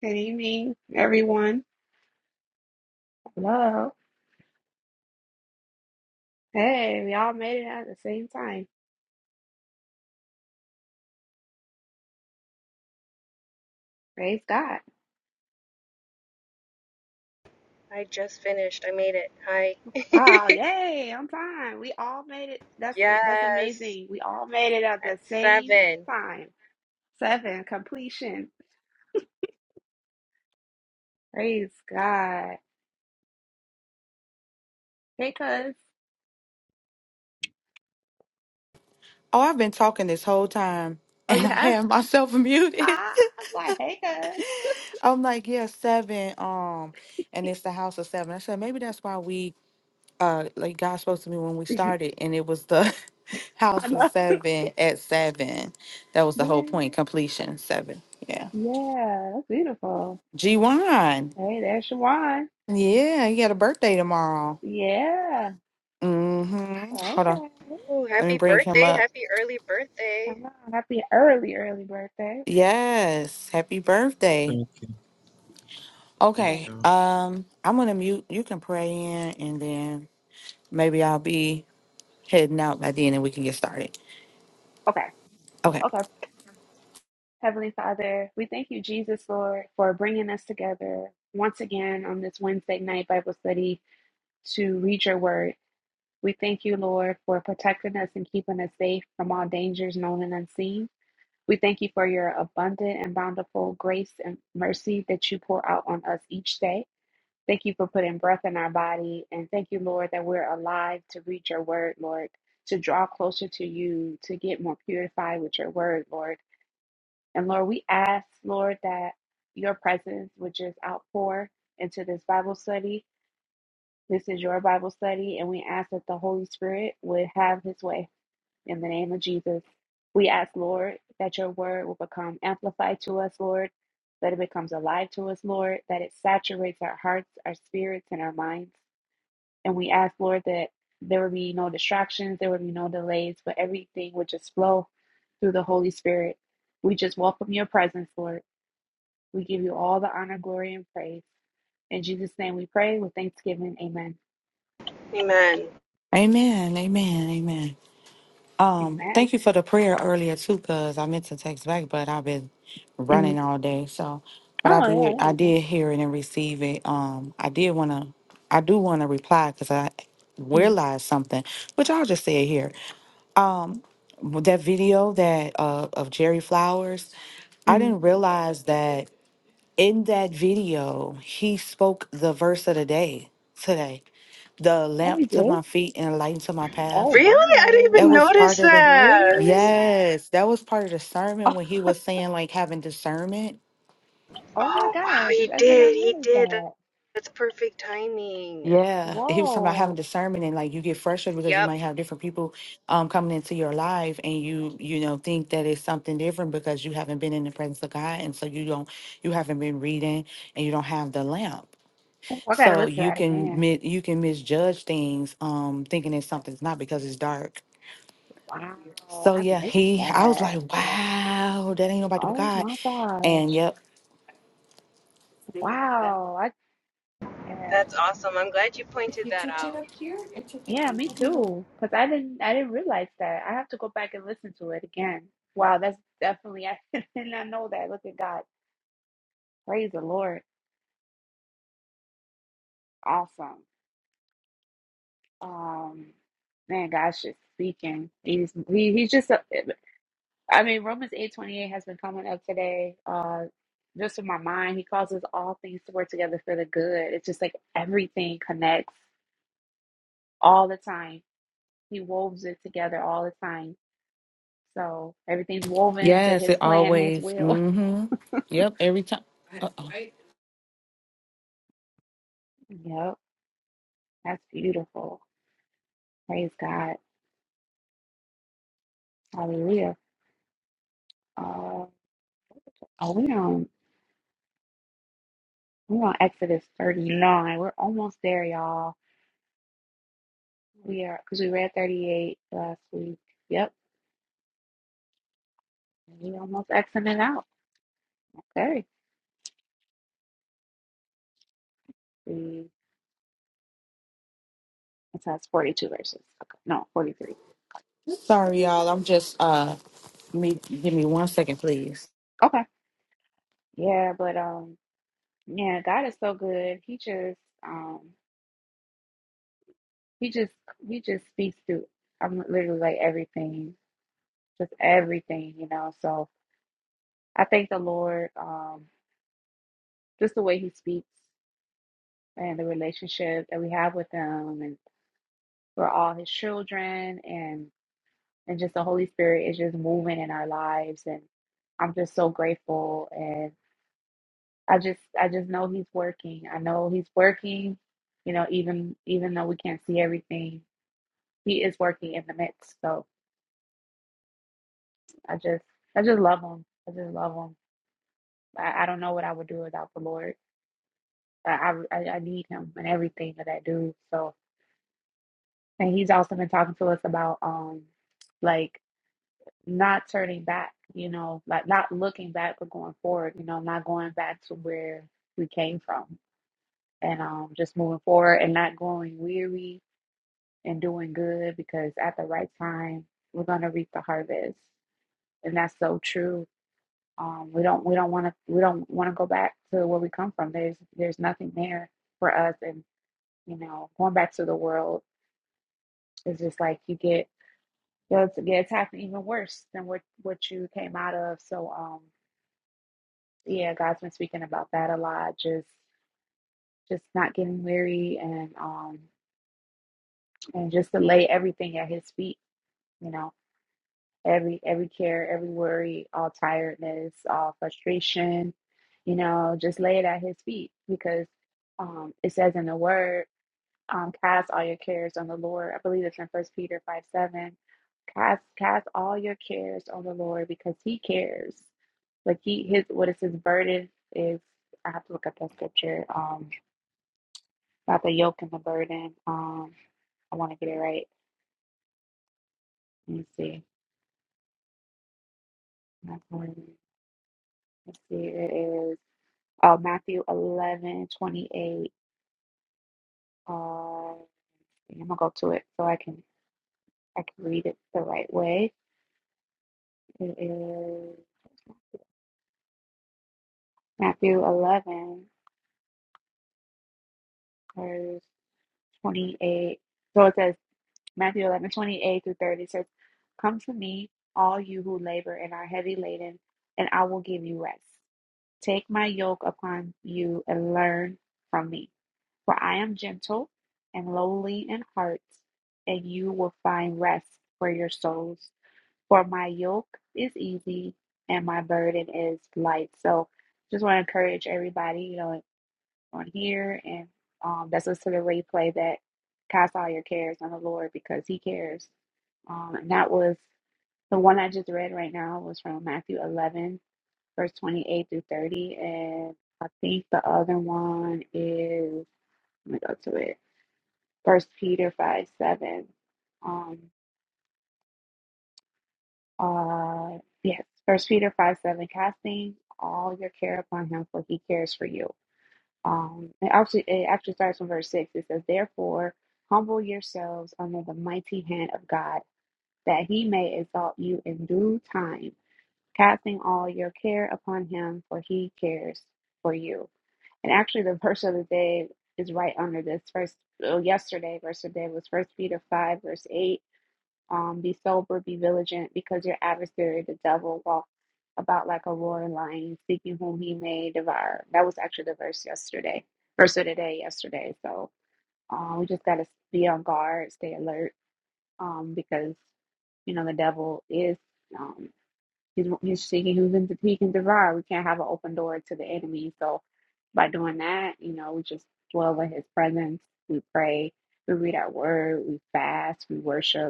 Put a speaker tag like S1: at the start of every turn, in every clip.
S1: Good evening, everyone. Hello. Hey, we all made it at the same time. Praise God.
S2: I just finished. I made it. Hi.
S1: Wow, yay, on time. We all made it. That's that's
S2: yes.
S1: amazing. We all made it at
S2: At
S1: the same
S2: seven.
S1: time. Seven completion. Praise God. Hey cuz.
S3: Oh, I've been talking this whole time
S1: Oh
S3: and
S1: you
S3: I
S1: have?
S3: have myself muted.
S1: Ah why hey cuz.
S3: I'm like, yeah, seven. Um, and it's the house of seven. I said, maybe that's why we uh like God spoke to me when we started and it was the
S1: I
S3: house of
S1: love
S3: seven at seven. That was the whole point,
S1: that.
S3: completion seven. Yeah.
S1: Yeah, that's beautiful.
S3: G one.
S1: Hey, there's Shawan.
S3: Yeah, he got a birthday tomorrow.
S1: Yeah.
S3: Mm-hmm. Hold on.
S1: Okay.
S2: Ooh,
S3: Let me
S2: happy
S3: bring him
S2: birthday.
S3: up.
S2: Happy early birthday.
S1: Come on. Happy early, early birthday.
S3: Yes. Happy birthday.
S4: Thank you. Thank
S1: Yeah.
S3: Okay.
S4: you.
S3: Um, I'm gonna mute. You can pray in, and then maybe I'll be heading out by then, and we can get started.
S1: Okay.
S3: Okay.
S1: Okay. Heavenly Father, we thank you, Jesus, Lord, for bringing us together once again on this Wednesday night Bible study to read your word. We thank you, Lord, for protecting us and keeping us safe from all dangers known and unseen. We thank you for your abundant and bountiful grace and mercy that you pour out on us each day. Thank you for putting breath in our body. And thank you, Lord, that we're alive to read your word, Lord, to draw closer to you, to get more purified with your word, Lord. And Lord, we ask, Lord, that your presence would just outpour into this Bible study. This is your Bible study, and we ask that the Holy Spirit would have his way in the name of Jesus. We ask, Lord, that your word will become amplified to us, Lord, that it becomes alive to us, Lord, that it saturates our hearts, our spirits, and our minds. And we ask, Lord, that there would be no distractions, there would be no delays, but everything would just flow through the Holy Spirit. We just welcome your presence, Lord. We give you all the honor, glory, and praise. In Jesus' name we pray with thanksgiving. Amen.
S2: Amen.
S3: Amen. Amen. Amen. Um,
S1: Amen.
S3: thank you for the prayer earlier too, cause I meant to text back, but I've been
S1: Mm.
S3: running all day. So, but
S1: Oh,
S3: I
S1: yeah.
S3: did,
S1: you
S3: I did hear it and receive it. Um, I did wanna, I do wanna reply, cause I
S1: Mm.
S3: realized something, which I'll just say it here. That video that uh of Jerry Flowers, I
S1: Mm.
S3: didn't realize that In that video, he spoke the verse of the day today. The
S1: Oh, we
S3: lamp to
S1: did?
S3: my feet and a light to my
S1: Oh,
S3: path.
S2: Really?
S1: wow. I
S2: I
S1: didn't
S2: didn't
S3: That
S2: even
S1: realize
S3: was
S1: that.
S3: part
S2: notice
S3: of the
S2: that.
S1: Really?
S3: Yes, that was part of the sermon
S1: Oh,
S3: when he was saying like having discernment.
S1: oh my
S2: Oh, wow.
S1: gosh.
S2: He
S1: I did not
S2: did. He
S1: realize
S2: did.
S1: that.
S2: That's perfect timing.
S3: Yeah, he was talking about having
S1: Whoa.
S3: discernment and like you get frustrated because you
S2: Yep.
S3: might have different people um coming into your life and you you know think that it's something different because you haven't been in the presence of God and so you don't you haven't been reading and you don't have the lamp.
S1: Oh, I got to
S3: So
S1: listen to
S3: you
S1: that
S3: can
S1: again.
S3: mi- you can misjudge things, um, thinking it's something's not because it's dark.
S1: Wow.
S3: So
S1: I
S3: yeah,
S1: missed
S3: he I was
S1: that.
S3: like, wow, that ain't nobody but
S1: Oh,
S3: God.
S1: my
S3: And
S1: gosh.
S3: yep,
S1: Wow. I, yeah.
S2: That's awesome. I'm glad you pointed that out.
S1: Yeah, me too. Because I didn't I didn't realize that. I have to go back and listen to it again. Wow, that's definitely I did not know that. Look at God. Praise the Lord. Awesome. Um man, God's just speaking. He's he, he's just a- eh, I mean Romans eight twenty eight has been coming up today. Uh just in my mind, he causes all things to work together for the good. It's just like everything connects all the time. He woves it together all the time. So everything's woven into
S3: Yes,
S1: his
S3: it
S1: plan, his
S3: always.
S1: will.
S3: Mm-hmm. Yep, every time. Uh-oh.
S1: Yep, that's beautiful. Praise God. Hallelujah. Uh, oh, we on we on Exodus thirty nine. We're almost there, y'all. We are because we read thirty eight last week. Yep, we almost Xing it out. Okay, we it says forty two verses. Okay, no, forty three.
S3: sorry y'all, I'm just uh me give me one second, please.
S1: Okay, yeah, but um, yeah, God is so good. He just um, he just he just speaks through. I'm literally like everything, just everything, you know. So I thank the Lord, um, just the way He speaks and the relationship that we have with Him, and we're all His children, and and just the Holy Spirit is just moving in our lives, and I'm just so grateful, and I just I just know He's working. I know He's working, you know, even even though we can't see everything, He is working in the midst. So I just I just love Him. I just love Him. I, I don't know what I would do without the Lord. I I, I I need Him in everything that I do. So. And he's also been talking to us about um like not turning back, you know, like not looking back but going forward, you know, not going back to where we came from and um just moving forward and not going weary and doing good because at the right time we're gonna reap the harvest. And that's so true. Um we don't we don't wanna we don't wanna go back to where we come from. There's there's nothing there for us and you know, going back to the world is just like you get Yes, yeah, it's happened even worse than what what you came out of. So, um, yeah, God's been speaking about that a lot. Just, just not getting weary, and um, and just to lay everything at His feet. You know, every every care, every worry, all tiredness, all frustration. You know, just lay it at His feet because um, it says in the Word. um, cast all your cares on the Lord. I believe it's in First Peter five seven. Cast cast all your cares on the Lord because He cares. Like He His what is His burden is. I have to look up that scripture. Um, not the yoke and the burden. Um, I want to get it right. Let me see. Not burden. Let's see. It is uh, Matthew eleven twenty eight. Uh, okay, I'm gonna go to it so I can I can read it the right way. It is Matthew eleven. verse 28. So it says, Matthew eleven twenty eight 28 through 30 says, Come to me, all you who labor and are heavy laden, and I will give you rest. Take my yoke upon you and learn from me, for I am gentle and lowly in heart, and you will find rest for your souls. For my yoke is easy and my burden is light. So just want to encourage everybody, you know, on here, and um, that's us to the replay that cast all your cares on the Lord because He cares. Um, and that was the one I just read right now was from Matthew 11, verse 28 through 30. And I think the other one is, let me go to it, First Peter 5, 7. Um, uh, yes, First Peter 5, 7, casting all your care upon Him, for He cares for you. Um, it actually it actually starts from verse six. It says, "Therefore, humble yourselves under the mighty hand of God, that He may exalt you in due time, casting all your care upon Him, for He cares for you." And actually, the verse of the day is right under this. First, well, yesterday verse of the day was First Peter five verse eight um, be sober, be vigilant, because your adversary, the devil, walks about like a roaring lion, seeking whom he may devour. That was actually the verse yesterday, verse of the day yesterday. So uh, we just got to be on guard, stay alert, um, because you know the devil is um, he's, he's seeking who can, he can devour. We can't have an open door to the enemy. So by doing that, you know, we just dwell in His presence. We pray. We read our word. We fast. We worship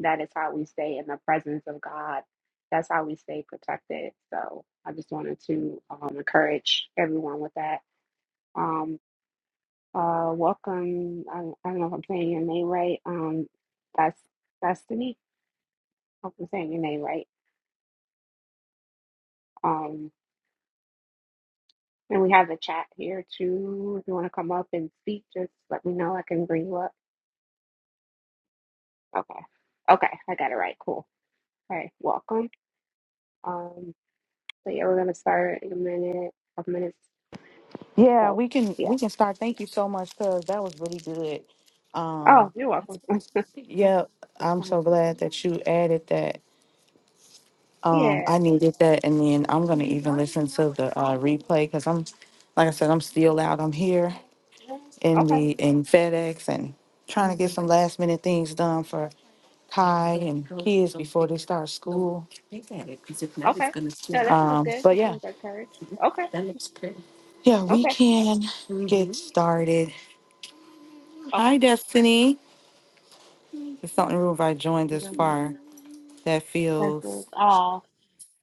S1: that is how we stay in the presence of God. That's how we stay protected. So I just wanted to um, encourage everyone with that. Um, uh, welcome. I, I don't know if I'm saying your name right. Um, that's Destiny. I hope I'm saying your name right. Um, and we have the chat here too. If you want to come up and speak, just let me know. I can bring you up. Okay. Okay. I got it right. Cool. All right. Welcome. Um, so yeah, we're gonna start in a minute, a couple minutes.
S3: Yeah,
S1: So
S3: we can
S1: yeah.
S3: we can start. Thank you so much, cuz that was really good.
S1: Oh,
S3: Um,
S1: you're welcome.
S3: yeah,
S1: It's
S3: I'm
S1: fine.
S3: so glad that you added that. Um, I
S1: Yeah.
S3: needed that, and then I'm gonna even listen to the uh, replay because I'm, like I said, I'm still out. I'm here in
S1: Okay.
S3: the in FedEx and trying to get some last minute things done for Kai and kids before they start school.
S1: Okay. No, that sounds
S3: Um,
S1: good.
S3: but
S1: You
S3: yeah,
S1: sound like courage. Okay.
S3: yeah, we
S1: Okay.
S3: can get started.
S1: Okay.
S3: Hi, Destiny. It's something room if I joined
S1: I'm
S3: this
S1: gonna go-
S3: far that
S1: That's good.
S3: feels
S1: Oh,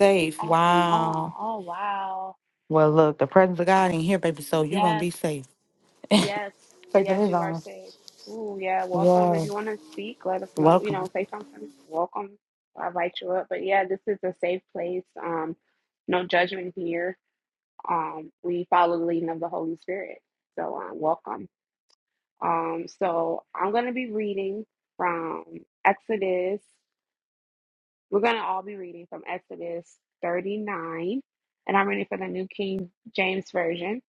S3: safe.
S1: oh, oh,
S3: Wow.
S1: oh, wow.
S3: Well, look, the presence of God ain't here, baby. So you gonna
S1: Yes.
S3: be safe.
S1: Yes.
S3: Take
S1: Yes,
S3: it
S1: you are
S3: on.
S1: safe. Ooh, yeah. Welcome. If
S3: Yeah.
S1: you want to speak, let us know. You
S3: Welcome.
S1: know, say something. Welcome. I'll invite you up. But yeah, this is a safe place. Um, no judgment here. Um, we follow the leading of the Holy Spirit. So, um, welcome. Um, so I'm going to be reading from Exodus. We're going to all be reading from Exodus 39, and I'm reading from the New King James Version.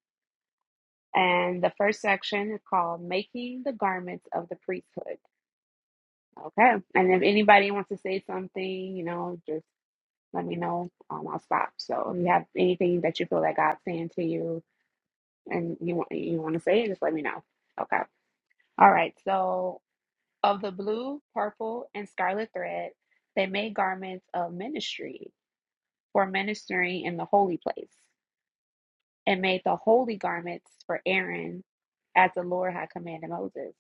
S1: And the first section is called Making the Garments of the Priesthood. Okay. And if anybody wants to say something, you know, just let me know. Um, I'll stop. So if you have anything that you feel that God's saying to you and you want you want to say it, just let me know. Okay. All right. So Of the blue, purple, and scarlet thread, they made garments of ministry for ministering in the holy place, and made the holy garments for Aaron, as the Lord had commanded Moses.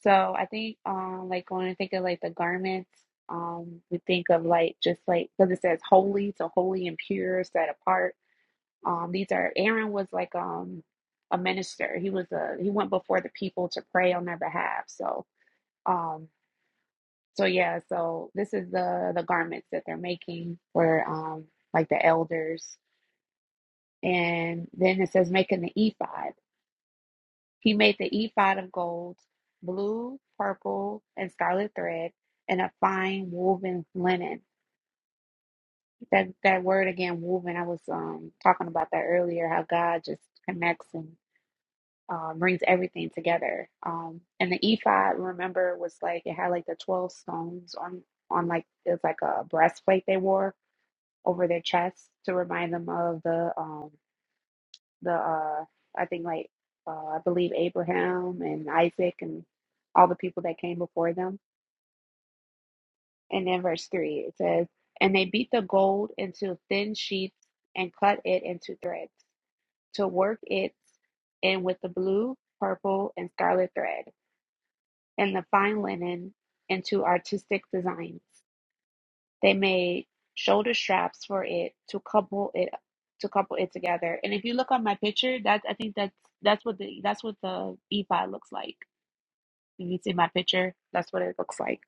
S1: So I think, um, like when I think of like the garments, um, we think of like just like because it says holy, so holy and pure, set apart. Um, these are Aaron was like um a minister. He was a he went before the people to pray on their behalf. So. Um, So yeah, so this is the the garments that they're making for um like the elders. And then it says making the ephod. He made the ephod of gold, blue, purple, and scarlet thread, and a fine woven linen. That that word again, woven. I was um talking about that earlier. How God just connects and uh, brings everything together. Um, and the ephod, remember, was like it had like the twelve stones on on like it's like a breastplate they wore over their chests to remind them of the um the uh I think like uh, I believe Abraham and Isaac and all the people that came before them. And then verse three it says, "And they beat the gold into thin sheets and cut it into threads to work it in with the blue, purple, and scarlet thread, and the fine linen into artistic designs." They made shoulder straps for it to couple it to couple it together. And if you look on my picture, that I think that's that's what the that's what the ephod looks like. If you see my picture, that's what it looks like.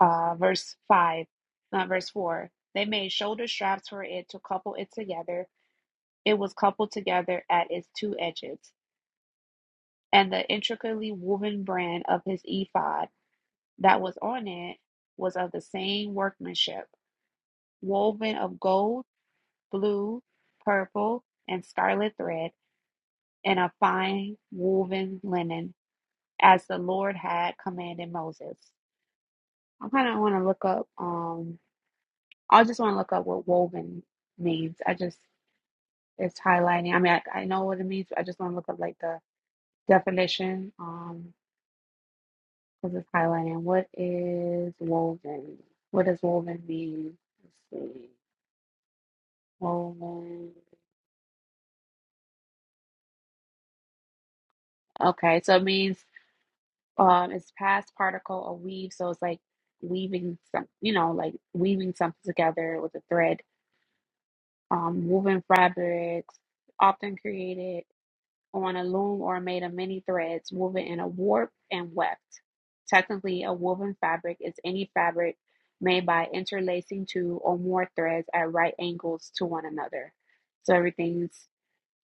S1: Uh, verse five, uh, verse four. They made shoulder straps for it to couple it together. It was coupled together at its two edges, and the intricately woven brand of his ephod that was on it was of the same workmanship, woven of gold blue, purple, and scarlet thread, and a fine woven linen, as the Lord had commanded Moses. I kind of want to look up. Um, I just want to look up what woven means. I just it's highlighting. I mean, I, I know what it means, but I just want to look up like the definition. Um, because it's highlighting. What is woven? What does woven mean? Let's see. Woven. Okay, so it means um it's past particle or weave so it's like weaving some you know like weaving something together with a thread um woven fabrics often created on a loom or made of many threads woven in a warp and weft technically a woven fabric is any fabric made by interlacing two or more threads at right angles to one another so everything's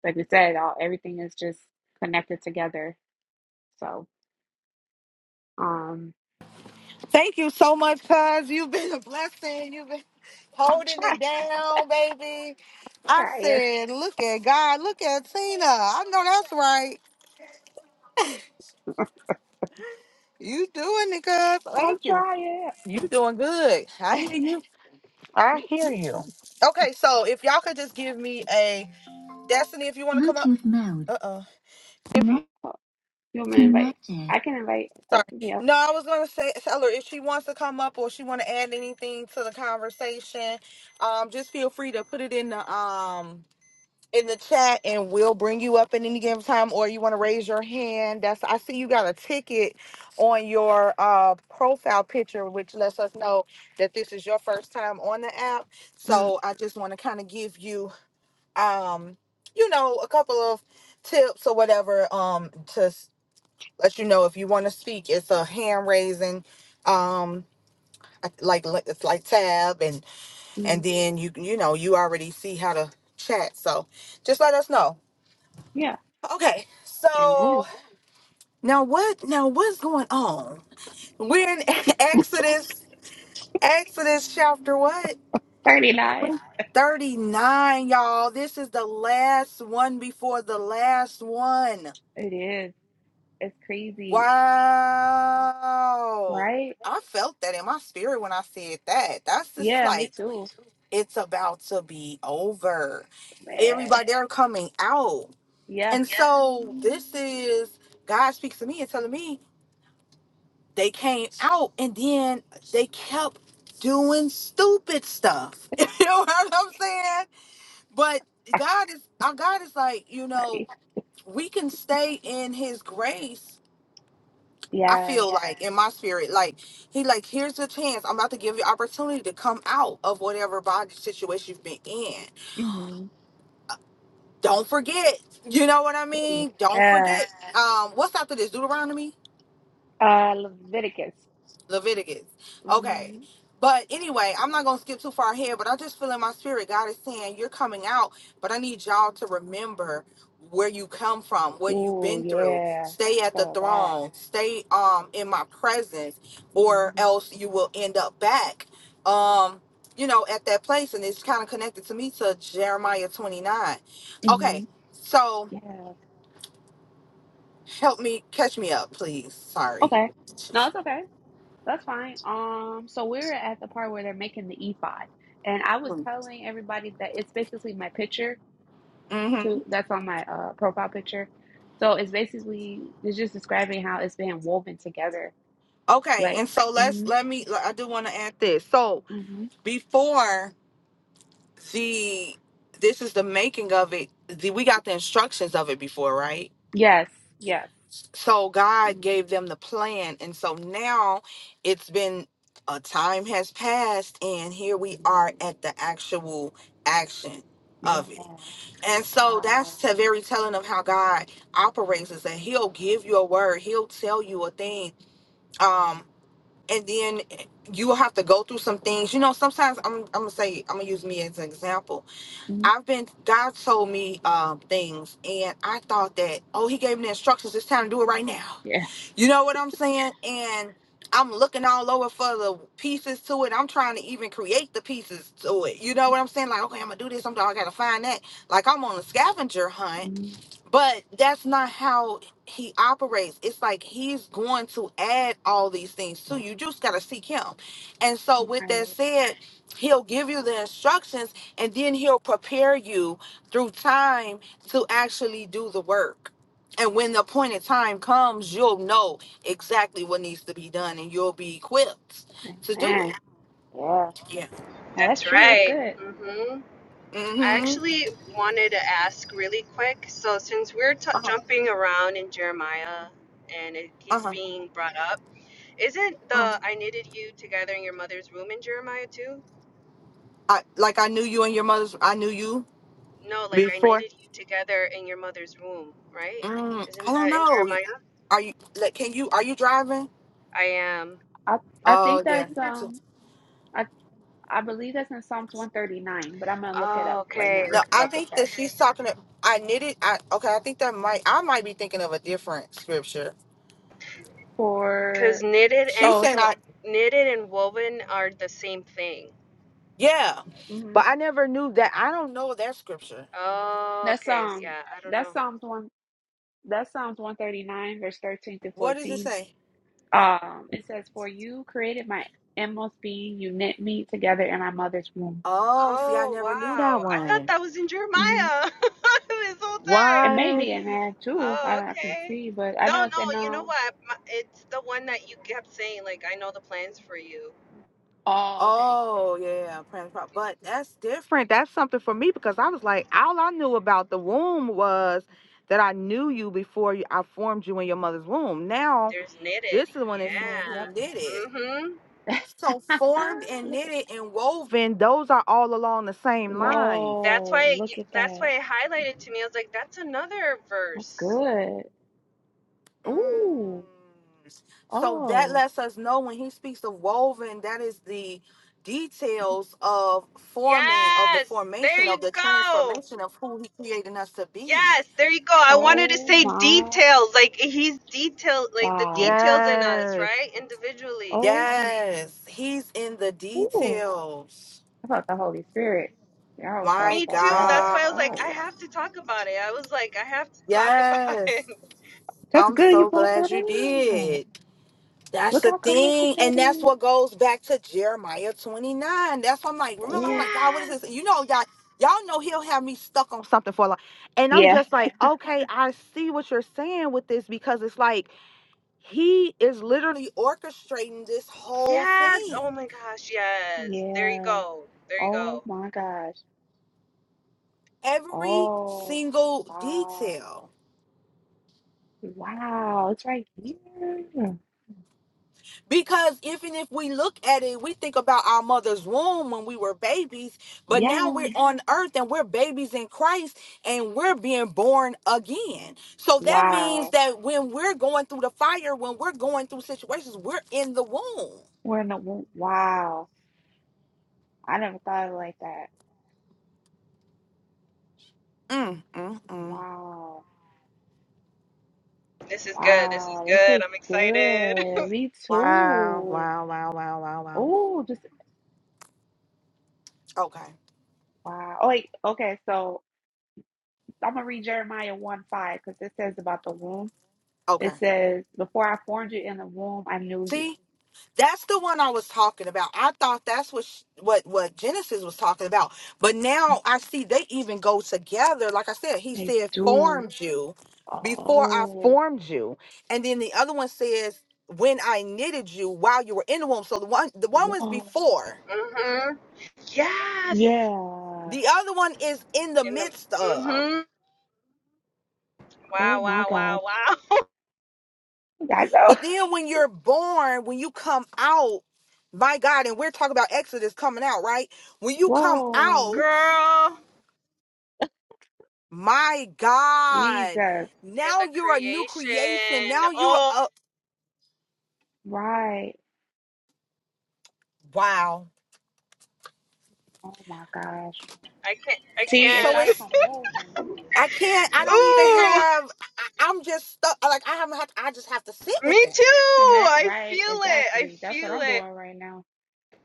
S1: like we said all everything is just connected together so um
S3: Thank you so much, cuz. You've been a blessing. You've been
S1: i'm
S3: holding
S1: trying
S3: it down, baby. I
S1: Ryan.
S3: said, look at God. Look at Tina. I know that's right. You doing it, cuz. Thank
S1: I'll
S3: you.
S1: try it.
S3: You doing good. I hear you. I hear you. Okay, so if y'all could just give me a Destiny, if you want to come up. Uh oh.
S1: Oh, you want me to invite? I can invite
S3: Sorry.
S1: Destiny up.
S3: No, I was gonna say tell her if she wants to come up or she wanna add anything to the conversation, um, just feel free to put it in the um in the chat and we'll bring you up at any given time or you wanna raise your hand. That's I see you got a ticket on your uh profile picture, which lets us know that this is your first time on the app.
S1: mm
S3: So I just wanna kinda give you um, you know, a couple of tips or whatever um to let you know if you want to speak. It's a hand raising, um, like like- it's like tab, and and
S1: mm.
S3: then you you know you already see how to chat. So just let us know.
S1: Yeah.
S3: Okay, so
S1: Amen.
S3: now what? Now what's going on? We're in Exodus, Exodus chapter what?
S1: 39.
S3: 39, y'all. This is the last one before the last one.
S1: It is. It's crazy,
S3: Wow.
S1: right?
S3: I felt that in my spirit when I said that. That's just
S1: Yeah, me
S3: like
S1: too.
S3: it's about to be over.
S1: Man.
S3: Everybody they're coming out.
S1: Yeah.
S3: And Yeah. so this is God speaks to me and telling me they came out and then they kept doing stupid stuff. you know what I'm saying? But God is our God is like, you know,
S1: buddy.
S3: we can stay in his grace I
S1: Yes.
S3: feel Yeah. like in my spirit, like he like, here's the chance. I'm about to give you opportunity to come out of whatever body situation you've been in.
S1: hmm
S3: Don't forget. You know what I mean? Don't
S1: Yeah.
S3: forget. Yeah. Um, what's after this? Deuteronomy?
S1: Uh, Leviticus.
S3: Leviticus. Okay.
S1: hmm
S3: But anyway, I'm not going to skip too far ahead, but I just feel in my spirit, God is saying, You're coming out, but I need y'all to remember where you come from, what you've
S1: Oh,
S3: been through.
S1: yeah.
S3: Stay
S1: I
S3: at the
S1: feel that.
S3: throne, stay um in my presence, or
S1: hmm
S3: else you will end up back. Um, you know, at that place, and it's kind of connected to me to Jeremiah 29. Okay,
S1: hmm
S3: so
S1: Yeah.
S3: help me catch me up, please. Sorry.
S1: Okay. No, it's okay. That's fine. Um, so we're at the part where they're making the ephod, and I was telling everybody that it's basically my picture
S3: Mm-hmm.
S1: too. That's on my uh, profile picture. So it's basically it's just describing how it's being woven together.
S3: Okay,
S1: Like,
S3: and so let's
S1: mm-hmm,
S3: let me. I do want to add this. So
S1: hmm
S3: before the this is the making of it. The, we got the instructions of it before, right?
S1: yes, yes,
S3: So God
S1: mm,
S3: gave them the plan, and so now it's been a time has passed, and here we are at the actual action
S1: yeah,
S3: of it. And so that's
S1: wow,
S3: the very telling of how God operates is that He'll give you a word, He'll tell you a thing. Um, and then you will have to go through some things. You know, sometimes I'm I'm gonna say I'm gonna use me as an example.
S1: mm,
S3: I've been God told me um, things, and I thought that oh He gave me the instructions. It's time to do it right now.
S1: yeah,
S3: You know what I'm saying? And I'm looking all over for the pieces to it. I'm trying to even create the pieces to it. You know what I'm saying? Like okay, I'm gonna do this. I'm I gotta find that. Like I'm on a scavenger hunt
S1: mm,
S3: but that's not how he operates. It's like he's going to add all these things to you. You just got to seek him. And so, with
S1: right,
S3: that said, he'll give you the instructions and then he'll prepare you through time to actually do the work. And when the appointed time comes, you'll know exactly what needs to be done and you'll be equipped
S1: right,
S3: to do it.
S1: yeah. yeah.
S3: Yeah.
S1: Well, that's
S2: That's
S1: true. That's
S2: right.
S1: good.
S2: hmm I
S3: Mm hmm.
S2: actually wanted to ask really quick. So, since we're t-
S3: Uh huh.
S2: jumping around in Jeremiah and it keeps
S3: Uh
S2: being brought up, Isn't the
S3: huh.
S2: I knitted you together in your mother's womb in Jeremiah too?
S3: I, like I knew you and your mother's, I knew you
S2: No, like I
S3: before.
S2: knitted you together in your mother's womb, right?
S3: Mm, I
S2: Isn't
S3: don't
S2: that in
S3: know.
S2: Jeremiah?
S3: Are you? Like, can you? Are you driving?
S2: I am.
S1: I I
S3: Oh
S1: think
S3: yeah.
S1: that's um. I. I believe that's in Psalms 139, but I'm gonna look it up
S2: Oh,
S1: right now
S2: okay,
S3: No,
S1: just to
S2: okay.
S3: I
S1: double
S3: think that
S1: check.
S3: she's talking. To, I knitted. I okay. I think that might. I might be thinking of a different scripture.
S2: Cause
S1: For
S2: knitted
S3: She's
S2: and
S1: oh,
S3: saying
S1: so
S3: I.
S2: knitted and woven are the same thing.
S3: Yeah,
S1: hmm
S3: but I never knew that. I don't know that scripture.
S2: Oh,
S1: that's
S2: okay.
S1: um
S2: Yeah, I don't
S1: that's
S2: know.
S1: Psalms one that's Psalms 139 verse 13 to
S3: What does it
S1: 14.
S3: say?
S1: Um, it says, "For you created my inmost being; you knit me together in my mother's womb."
S3: Oh, see, I
S2: Oh,
S3: never knew that
S2: wow. I thought
S3: one.
S2: that was in
S1: hmm
S2: Jeremiah this whole
S1: It
S2: time.
S1: may
S3: What?
S1: be in there too. I,
S2: Oh,
S1: I can
S2: okay.
S1: see, but I
S2: No,
S1: know it's
S2: no,
S1: in
S2: you know
S1: um.
S2: what? My, it's the one that you kept saying, like, I know the plans for you.
S1: Oh, okay.
S3: Oh yeah, Prince Pop. But that's different. That's something for me because I was like, all I knew about the womb was that I knew you before you, I formed you in your mother's womb. Now
S2: There's knitted,
S3: this is when it's saying
S1: Mm,
S3: he
S1: yep.
S3: knit
S2: yeah.
S3: it.
S2: hmm
S3: So formed and
S1: look at
S3: knitted and woven, those are all along the same line.
S2: That's
S1: whoa!
S2: why you,
S1: Look at
S2: that's
S1: that.
S2: why it highlighted to me. I was like, that's another
S1: That's
S2: verse.
S1: good.
S3: Mm.
S1: Ooh.
S3: So that
S1: Oh,
S3: lets us know when he speaks of woven, that is the details of forming, of the
S2: Yes, there
S3: formation,
S2: you
S3: of the
S2: go.
S3: transformation of who he created us to be.
S2: Yes, there you go. I wanted to
S1: oh
S2: say
S1: my
S2: details, like he's detailed, like the
S1: gosh.
S2: details in us,
S3: Yes.
S2: right? Individually.
S1: Oh, my-
S3: Yes, he's in the
S1: ooh.
S3: details.
S1: I thought the Holy Spirit. Y'all was talking
S3: My
S2: Me
S1: about
S2: too.
S1: that.
S2: That's why I was like,
S3: God.
S1: Oh,
S2: I
S1: wow.
S2: have to talk about it. I was like, I have to talk about
S3: Yes,
S2: it.
S1: that's
S3: I'm
S1: good you
S3: so
S1: brought
S3: glad
S1: that
S3: you
S1: up.
S3: did. That's
S1: Look
S3: the
S1: how connected
S3: thing.
S1: that
S3: And that's
S1: is.
S3: what goes back to Jeremiah 29. That's what I'm like, remember, I'm
S1: Ooh.
S3: like, God, what is this? You
S2: Yes.
S3: know, y'all, y'all know he'll have me stuck on something for a lot. And I'm
S1: Yeah.
S3: just like, okay, I see what you're saying with this because it's like he is literally orchestrating this whole
S2: Yes.
S3: thing.
S2: Oh my gosh. Yes. There you
S1: Yeah.
S2: go. There you
S1: Oh
S2: go.
S1: my gosh.
S3: Every
S1: Oh,
S3: single
S1: wow.
S3: detail.
S1: Wow. It's right here.
S3: Because even if we look at it, we think about our mother's womb when we were babies, but now
S1: Yeah.
S3: we're Mhm. on earth and we're babies in Christ and we're being born again. So that means
S1: Wow.
S3: that when we're going through the fire, when we're going through situations, we're in the womb.
S1: We're in the, wow. I never thought of it like that.
S3: Mm, mm, mm.
S1: Wow.
S2: This is good. This is
S1: Wow, this
S2: good.
S1: is
S2: I'm excited.
S1: good. Me
S3: Wow,
S1: too.
S3: wow, wow, wow, wow, wow. wow.
S1: Oh, just
S3: Okay,
S1: wow. Oh, wait, okay. So I'm gonna read Jeremiah 1 5 because it says about the womb.
S3: okay.
S1: It says, Before I formed you in the womb, I knew you.
S3: See? That's the one I was talking about. I thought that's what sh- what what Genesis was talking about, but now I see they even go together. Like I said, he
S1: They
S3: said
S1: do.
S3: formed you before I
S1: Oh,
S3: formed you, and then the other one says when I knitted you while you were in the womb. So the one the one was
S1: wow.
S3: before.
S2: hmm Yes.
S1: Yeah.
S3: The other one is in the
S2: In the.
S3: midst of.
S2: hmm
S1: Oh
S2: Wow.
S1: my
S2: Wow.
S1: gosh.
S2: Wow. Wow.
S1: I know.
S3: But then when you're born, when you come out, my God, and we're talking about Exodus coming out, right? When you come
S1: Whoa, look
S3: out.
S2: Girl,
S3: My
S1: at
S3: God.
S1: Jesus.
S2: you're
S3: Now
S2: the
S3: you're a new creation.
S2: creation.
S3: Now you're
S2: Oh,
S3: a
S1: Right.
S3: wow.
S1: Oh my gosh.
S2: I can't. I
S1: See, it
S3: So
S1: started
S2: can't.
S3: it's
S1: from woven.
S3: I can't I don't even have I, I'm just stuck like I haven't had I just have to sit
S2: Ooh,
S3: with
S2: me
S3: that.
S2: too.
S1: I met
S2: I feel
S1: right,
S2: it. I
S1: exactly. That's what
S2: feel
S1: I'm
S2: it.
S1: doing right now.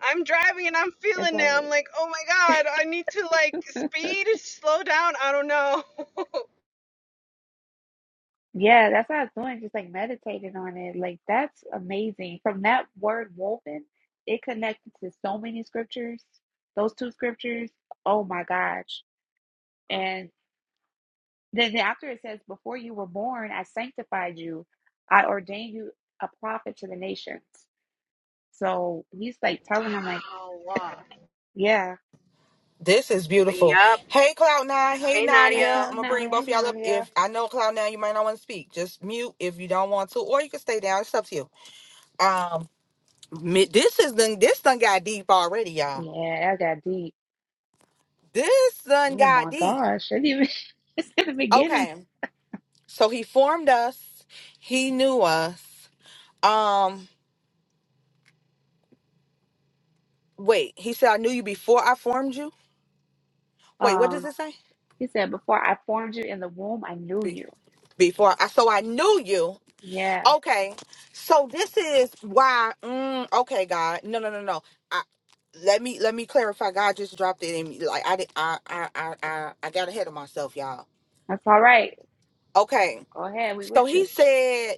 S2: I'm driving and I'm
S1: It's
S2: feeling it. I'm
S1: like,
S2: like, oh my god, I need to like speed, slow down. I don't know.
S1: yeah, that's what I was doing, just like meditating on it. Like, that's amazing. From that word woven, it connected to so many scriptures. Those two scriptures, oh my gosh. And then, then after it says, Before you were born, I sanctified you, I ordained you a prophet to the nations. So he's like telling him, like,
S2: wow.
S1: yeah,
S3: This is beautiful.
S2: Yep.
S3: Hey Cloud Nine, hey
S2: Hey,
S1: I
S3: Nadia.
S2: Nadia.
S3: I'm
S1: call
S3: gonna bring
S1: now, hey,
S3: both of y'all up.
S1: Nadia.
S3: If I know Cloud Nine, you might not want to speak. Just mute if you don't want to, or you can stay down. It's up to you. Um, mi- this is done. This done got deep already, y'all.
S1: Yeah, that got deep.
S3: This done
S1: Oh
S3: got
S1: my
S3: deep.
S1: gosh. I didn't even, it's in the beginning.
S3: Okay. So he formed us. He knew us. Um, wait, he said, I knew you before I formed you. Wait, what does
S1: Um,
S3: it say?
S1: He said, Before I formed you in the womb, I knew
S3: Be-
S1: you.
S3: before I, so I knew you.
S1: Yeah,
S3: Okay. So this is why, mm, okay, God. No, no, no, no. I, let me, let me clarify. God just dropped it in me. Like I did, I, I, I, I, I got ahead of myself, y'all.
S1: that's all right.
S3: Okay.
S1: Go ahead. We with
S3: So he
S1: you.
S3: said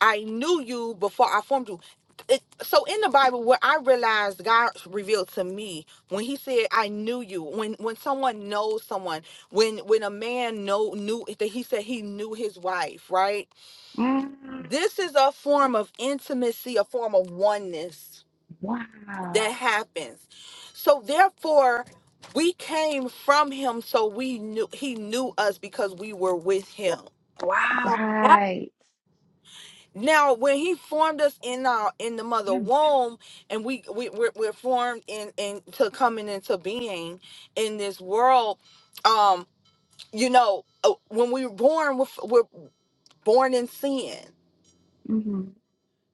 S3: I knew you before I formed you. It, so in the Bible, what I realized God revealed to me when He said, "I knew you." When when someone knows someone, when when a man know knew that He said he knew his wife, right?
S1: Mm.
S3: This is a form of intimacy, a form of oneness
S1: Wow.
S3: that happens. So therefore, we came from Him, so we knew He knew us because we were with
S2: Yeah.
S3: Him.
S2: Wow. Yeah.
S1: Right.
S3: now when he formed us in our in the mother
S1: Mm.
S3: womb and we, we we're, we're formed in in to coming into being in this world um you know uh, when we were born with we're born in sin
S1: hmm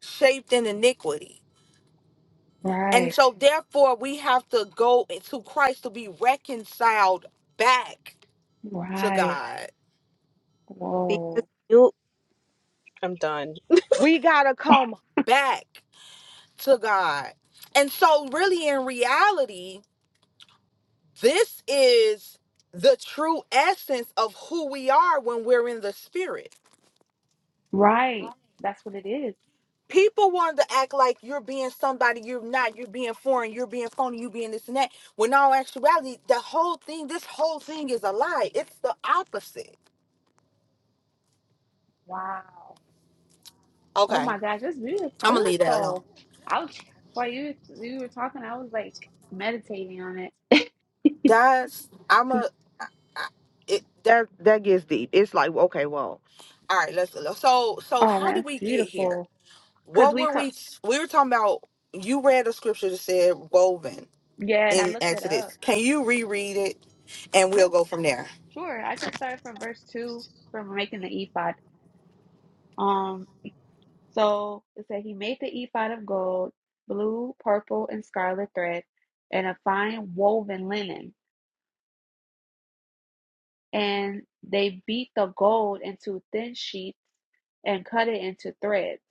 S3: shaped in iniquity and
S1: Right.
S3: so therefore we have to go to christ to be reconciled back to
S1: Right.
S3: god
S2: Because
S1: Whoa.
S2: you, I'm done.
S3: we gotta come back to god and so really in reality This is the true essence of who we are when we're in the spirit.
S1: Right. That's what it is.
S3: People want to act like you're being somebody you're not, you're being foreign, you're being phony, you being this and that. When all actuality, the whole thing, this whole thing is a lie. It's the opposite.
S1: Wow. Oh
S3: Okay,
S1: my gosh, that's really
S3: I'm
S1: good
S3: gonna leave that alone.
S1: though. I was while you you were talking, I was like meditating on it.
S3: That's I'm
S1: 'Cause-
S3: a I- I- it that that gets deep. It's like okay, well, all right. Let's so so
S1: Oh
S3: how
S1: man,
S3: do
S1: that's
S3: we get here?
S1: beautiful. Cause
S3: What
S1: we
S3: were
S1: talk.
S3: we? We were talking about. You read a scripture that said woven
S1: Yeah, and I
S3: in
S1: looked it
S3: Exodus.
S1: up.
S3: Can you reread it, and
S1: Yeah.
S3: we'll go from there.
S1: Sure, I can start from verse 2 from making the ephod. Um, so it said he made the ephod of gold, blue, purple, and scarlet thread, and a fine woven linen. And they beat the gold into thin sheets and cut it into threads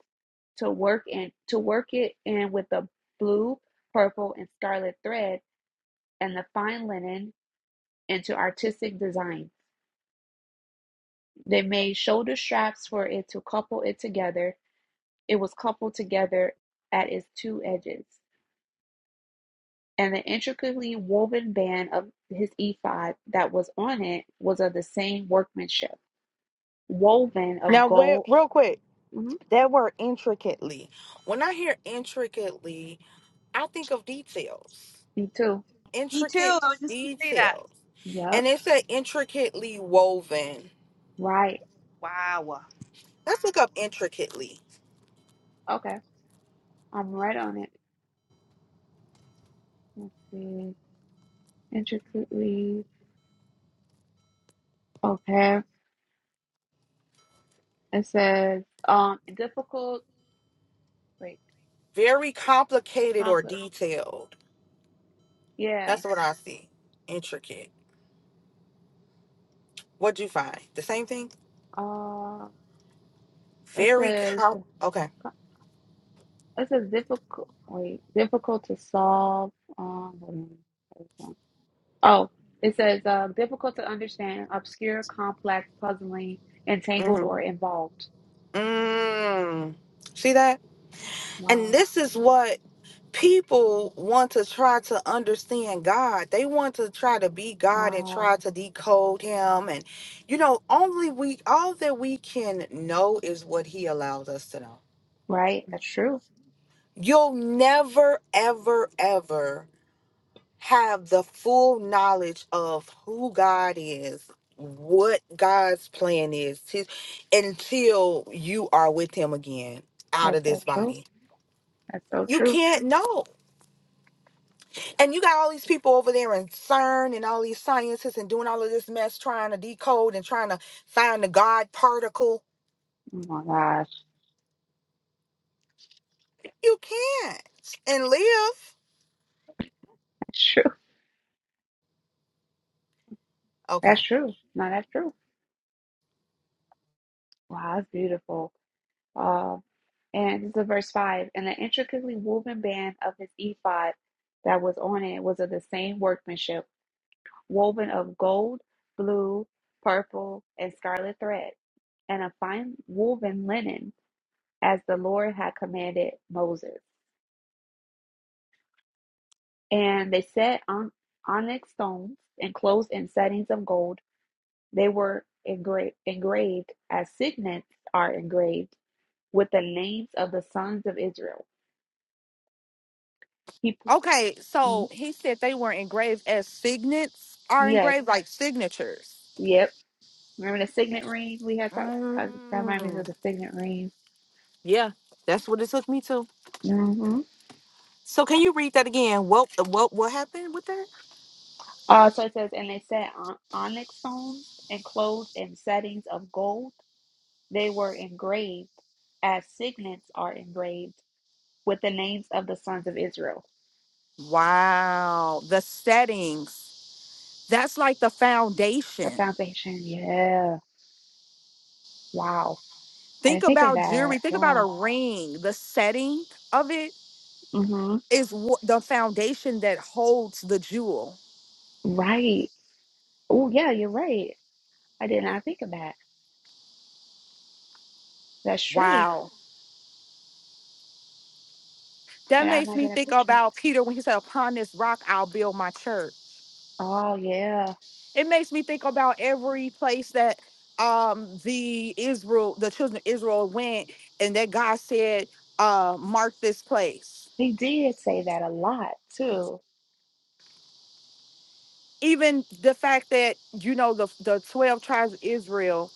S1: to work and to work it in with the blue, purple, and scarlet thread and the fine linen into artistic design. They made shoulder straps for it to couple it together It was coupled together at its two edges, and the intricately woven band of his ephod that was on it was of the same workmanship, woven of
S3: Now, where,
S1: gold.
S3: real quick,
S1: Mhm.
S3: that word intricately. When I hear intricately, I think of details,
S1: Me too.
S2: Me too.
S3: intricate
S2: I was just going to say that.
S3: details, and
S1: Yep.
S3: it said intricately woven.
S1: Right.
S2: Wow.
S3: Let's look up intricately.
S1: Okay. I'm right on it. Let's see. Intricately. Okay. It says um difficult. Wait.
S3: Very complicated or
S1: Complex.
S3: detailed.
S1: Yeah.
S3: That's what I see. Intricate. What'd you find? The same thing.
S1: Uh, it
S3: Very
S1: says.
S3: com. Okay.
S1: It's a difficult, wait, difficult to solve. Um, hold on, hold on. oh, it says uh, difficult to understand, obscure, complex, puzzling, entangled,
S3: hmm
S1: or involved.
S3: Mm. See that? And
S1: Wow,
S3: this is what people want to try to understand God. They want to try to be God and
S1: wow,
S3: try to decode him. And you know, only we all that we can know is what he allows us to know.
S1: right? That's true.
S3: You'll never, ever, ever have the full knowledge of who God is, what God's plan is, his, until you are with him again out of
S1: That's so
S3: this
S1: true.
S3: body
S1: That's so
S3: You
S1: true.
S3: can't know. And you got all these people over there in CERN and all these scientists and doing all of this mess trying to decode and trying to find the God particle.
S1: Oh my gosh,
S3: You can't and live.
S1: that's true.
S3: Okay.
S1: That's true. No, that's true. Wow, that's beautiful. Uh, and this is verse five. And the intricately woven band of his ephod that was on it was of the same workmanship woven of gold, blue, purple, and scarlet thread, and a fine woven linen, as the Lord had commanded Moses. And they set on onyx stones enclosed in settings of gold. They were engra- engraved as signets are engraved with the names of the sons of Israel. He,
S3: Okay.
S1: mm,
S3: So he said they were engraved as signets are
S1: yes,
S3: engraved like signatures.
S1: yep. Remember the signet ring we had talked. That reminds me
S3: Mm,
S1: of the signet ring.
S3: yeah, that's what it took me to.
S1: Mm-hmm.
S3: So can you read that again? What what what happened with that?
S1: Uh, so it says, and they set on onyx stones enclosed in settings of gold. They were engraved as signets are engraved with the names of the sons of Israel.
S3: Wow. The settings. That's like the
S1: The
S3: foundation.
S1: foundation, yeah. Wow. I
S3: Think
S1: didn't think of
S3: about
S1: that.
S3: jewelry. Think about a
S1: Wow.
S3: ring. The setting of it
S1: Mm-hmm.
S3: is wh- the foundation that holds the jewel.
S1: Right. Oh, yeah, you're right. I did not think of that. That's true.
S3: Wow. That
S1: And I
S3: makes me
S1: imagine that
S3: think
S1: picture.
S3: about Peter when he said, Upon this rock, I'll build my church.
S1: Oh, yeah.
S3: It makes me think about every place that um, the Israel, the children of Israel went, and that God said, uh, Mark this place.
S1: He did say that a lot, too.
S3: Even the fact that, you know, the, the 12 tribes of Israel.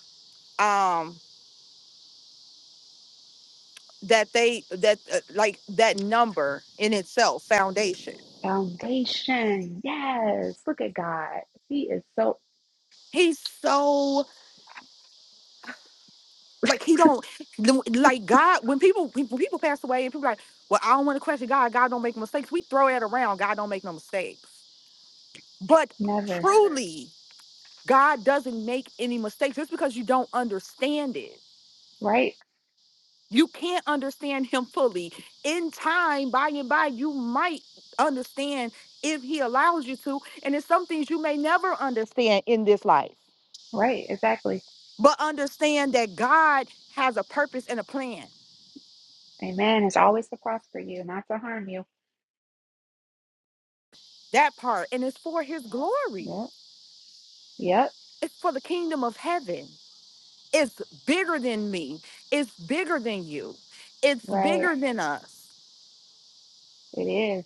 S3: Um, that they that uh, like that number in itself foundation
S1: Foundation. Yes. Look at God. He is so.
S3: he's so like he don't the- like god when people when people pass away and people are like well i don't want to question god god don't make no mistakes we throw that around god don't make no mistakes but
S1: Never.
S3: truly god doesn't make any mistakes just because you don't understand it
S1: Right.
S3: you can't understand him fully in time by and by you might understand if he allows you to and it's some things you may never understand in this life
S1: Right. Exactly.
S3: but understand that God has a purpose and a plan.
S1: Amen. It's always to prosper you, not to harm you.
S3: That part, and it's for His glory.
S1: Yep. Yep.
S3: It's for the kingdom of heaven. It's bigger than me. It's bigger than you. It's
S1: Right.
S3: bigger than us.
S1: It is.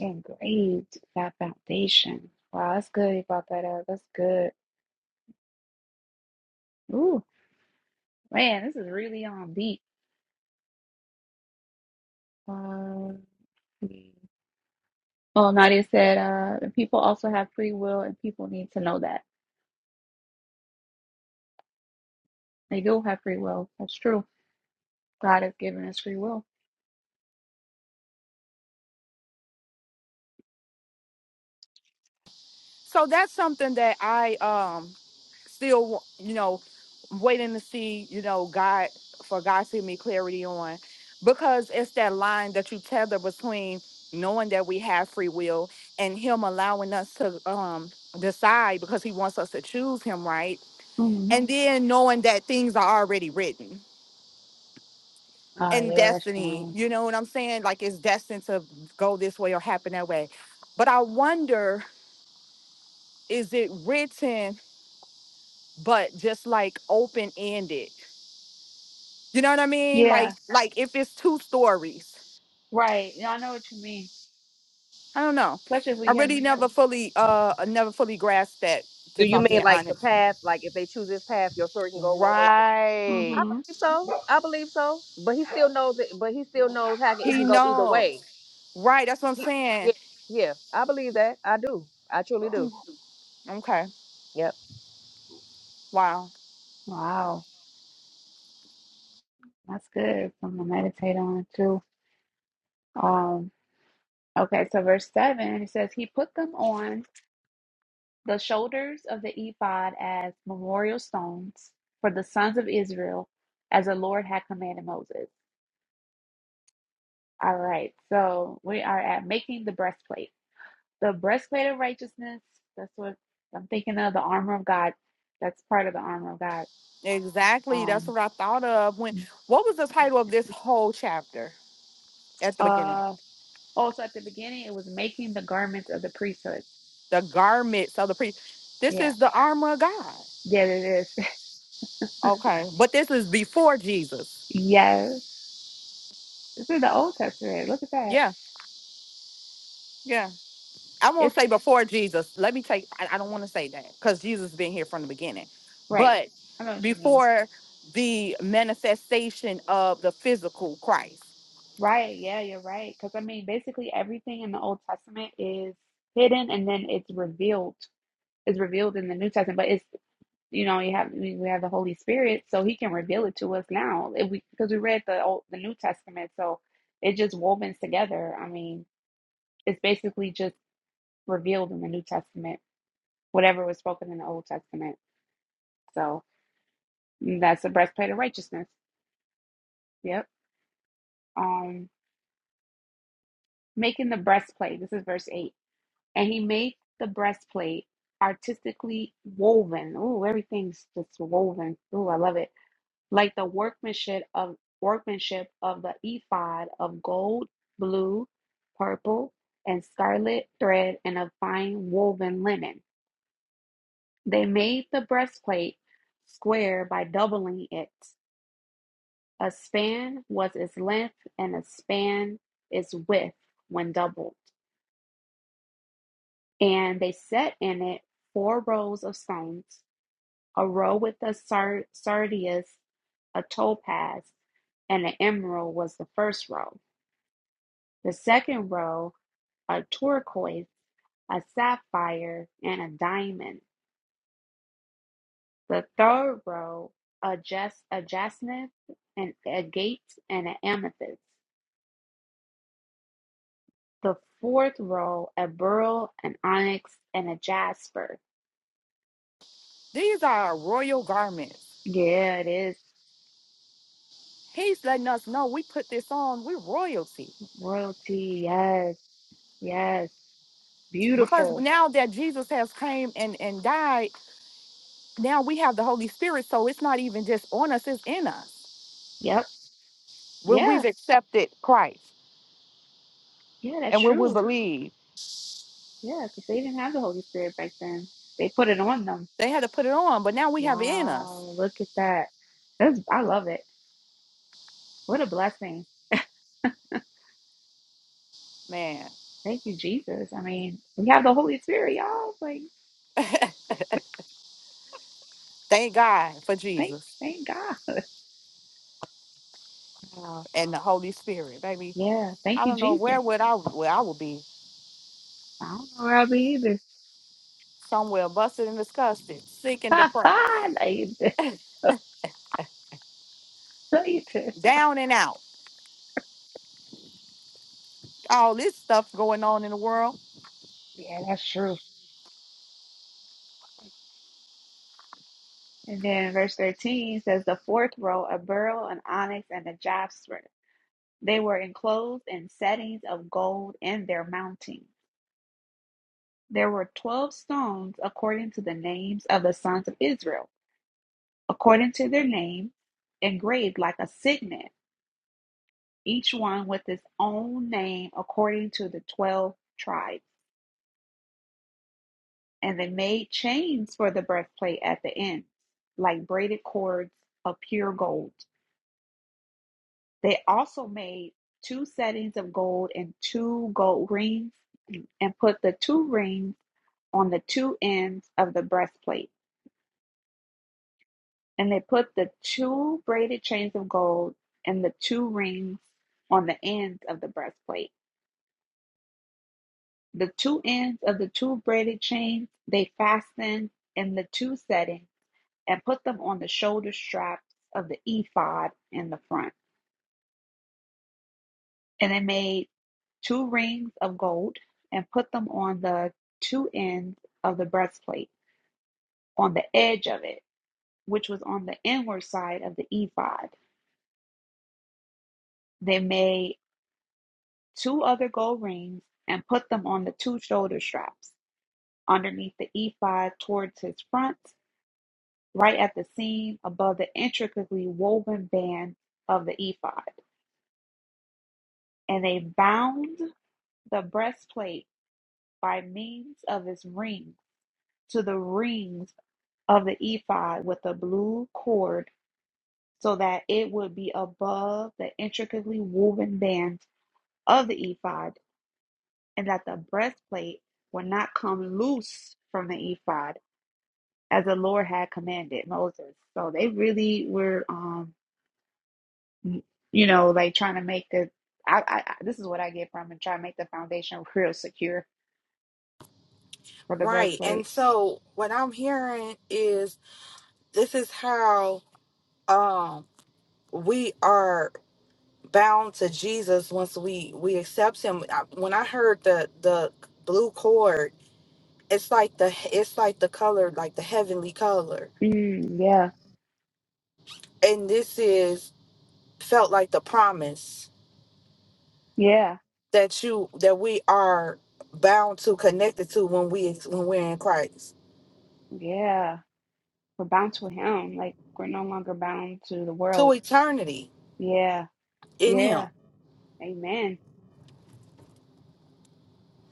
S1: Engraved that foundation. Wow, that's good you brought that up. That's good. Ooh, man, this is really on beat. Um, well, Nadia said, uh, people also have free will, and people need to know that they do have free will. That's true. God has given us free will.
S3: So that's something that I um still you know waiting to see you know god for god to give me clarity on because it's that line that you tether between knowing that we have free will and him allowing us to um decide because he wants us to choose him right
S1: hmm
S3: and then knowing that things are already written
S1: Oh
S3: and
S1: yeah, that's
S3: destiny
S1: fine.
S3: you know what i'm saying like it's destined to go this way or happen that way but i wonder is it written but just like open ended You know what I mean? Like
S1: Yeah,
S3: like if it's two stories.
S1: right. Yeah, I know what you mean.
S3: I don't know.
S1: Especially if
S3: I
S1: we have.
S3: really never fully uh never fully grasped that
S5: Do
S3: if
S5: you
S3: I'm
S5: mean
S3: being
S5: like the
S3: honest.
S5: path? Like if they choose this path, your story can go one way. I
S3: Right.
S1: hmm
S5: believe so. I believe so. But he still knows it. But he still knows how it
S3: He
S5: can go either way.
S3: knows. Right, that's what I'm
S5: He,
S3: saying.
S5: yeah, yeah. I believe that. I do. I truly do.
S3: Okay.
S5: Yep.
S3: Wow.
S1: Wow, that's good. I'm gonna meditate on it too. Um, okay, so verse seven it says, "He put them on the shoulders of the ephod as memorial stones for the sons of Israel, as the Lord had commanded Moses." All right, so we are at making the breastplate, the breastplate of righteousness. That's what I'm thinking of. The armor of God. That's part of the armor of God.
S3: Exactly. That's
S1: Um,
S3: what I thought of when what was the title of this whole chapter at the beginning?
S1: uh, Oh, so at the beginning it was making the garments of the priesthood.
S3: The garments of the priest. This
S1: Yeah.
S3: is the armor of God.
S1: Yeah, it is.
S3: Okay. But this is before Jesus.
S1: yes. This is the Old Testament. Look at that.
S3: Yeah. yeah. I won't
S1: It's
S3: say before Jesus. Let me take. I, I don't want to say that because Jesus been here from the beginning,
S1: right.
S3: but
S1: I know what you mean.
S3: before the manifestation of the physical Christ,
S1: Right. Yeah, you're right. Because I mean, basically everything in the Old Testament is hidden and then it's revealed. It's revealed in the New Testament, but it's you know you have we we have the Holy Spirit, so He can reveal it to us now. If we because we read the old the New Testament, so it just wovens together. I mean, it's basically just revealed in the New Testament. whatever was spoken in the Old Testament. So mm, that's the breastplate of righteousness. Yep. Um, making the breastplate. This is verse eight. And he made the breastplate artistically woven. Ooh, everything's just woven. Ooh, I love it. Like the workmanship of workmanship of the ephod of gold, blue, purple, and scarlet thread, and of fine woven linen. They made the breastplate square by doubling it A span was its length, and a span its width when doubled. And they set in it four rows of stones, a row with a sar- sardius, a topaz, and an emerald was the first row. The second row, a turquoise, a sapphire, and a diamond. The third row, a, jas- a jasmine, an agate, and an amethyst. The fourth roll, a beryl, an onyx, and a jasper.
S3: these are our royal garments.
S1: Yeah, it is.
S3: He's letting us know we put this on. We're royalty
S1: Royalty. Yes. Yes.
S3: because
S1: Beautiful.
S3: now that Jesus has came and and died, now we have the Holy Spirit. So it's not even just on us; it's in us
S1: Yep.
S3: when
S1: Yeah.
S3: we've accepted Christ
S1: Yeah, that's
S3: and when we
S1: true.
S3: believe.
S1: Yeah, because they didn't have the Holy Spirit back then. They put it on them.
S3: They had to put it on, but now we have it in
S1: Wow.
S3: us,
S1: Look at that. That's I love it. What a blessing.
S3: man.
S1: Thank you, Jesus. I mean, we have the Holy Spirit, y'all. Like,
S3: Thank God for
S1: thank
S3: Jesus
S1: thank God. Wow.
S3: and the Holy Spirit, baby.
S1: Yeah. Thank
S3: I
S1: you,
S3: don't know where
S1: Jesus.
S3: would I where I would be.
S1: I don't know where I'll be either.
S3: Somewhere busted and disgusted, sick and depressed,
S1: Like,
S3: down and out. All this stuff going on in the world.
S1: Yeah, that's true. And then verse 13 says, The fourth row, a beryl, an onyx, and a jasper. They were enclosed in settings of gold in their mounting. There were 12 stones according to the names of the sons of Israel, according to their name, engraved like a signet, each one with its own name according to the 12 tribes. And they made chains for the breastplate at the ends, like braided cords of pure gold. They also made two settings of gold and two gold rings, and put the two rings on the two ends of the breastplate. And they put the two braided chains of gold and the two rings on the ends of the breastplate. The two ends of the two braided chains they fastened in the two settings and put them on the shoulder straps of the ephod in the front. And they made two rings of gold and put them on the two ends of the breastplate, on the edge of it, which was on the inward side of the ephod. They made two other gold rings and put them on the two shoulder straps underneath the ephod towards his front, right at the seam above the intricately woven band of the ephod. And they bound the breastplate by means of its rings to the rings of the ephod with a blue cord so that it would be above the intricately woven bands of the ephod, and that the breastplate would not come loose from the ephod, as the Lord had commanded Moses. So they really were, um, you know, like trying to make the. I, I, this is what I get from and try to make the foundation real secure for the
S3: Right. And
S1: breastplate.
S3: so what I'm hearing is this is how um we are bound to Jesus once we we accept him. I- When I heard the the blue cord, it's like the it's like the color like the heavenly color.
S1: Mm, yeah,
S3: And this is felt like the promise
S1: yeah,
S3: that you that we are bound to connected to when we when we're in Christ
S1: yeah. We're bound to Him, like we're no longer bound to the world
S3: to eternity
S1: Yeah,
S3: in Him.
S1: yeah, amen.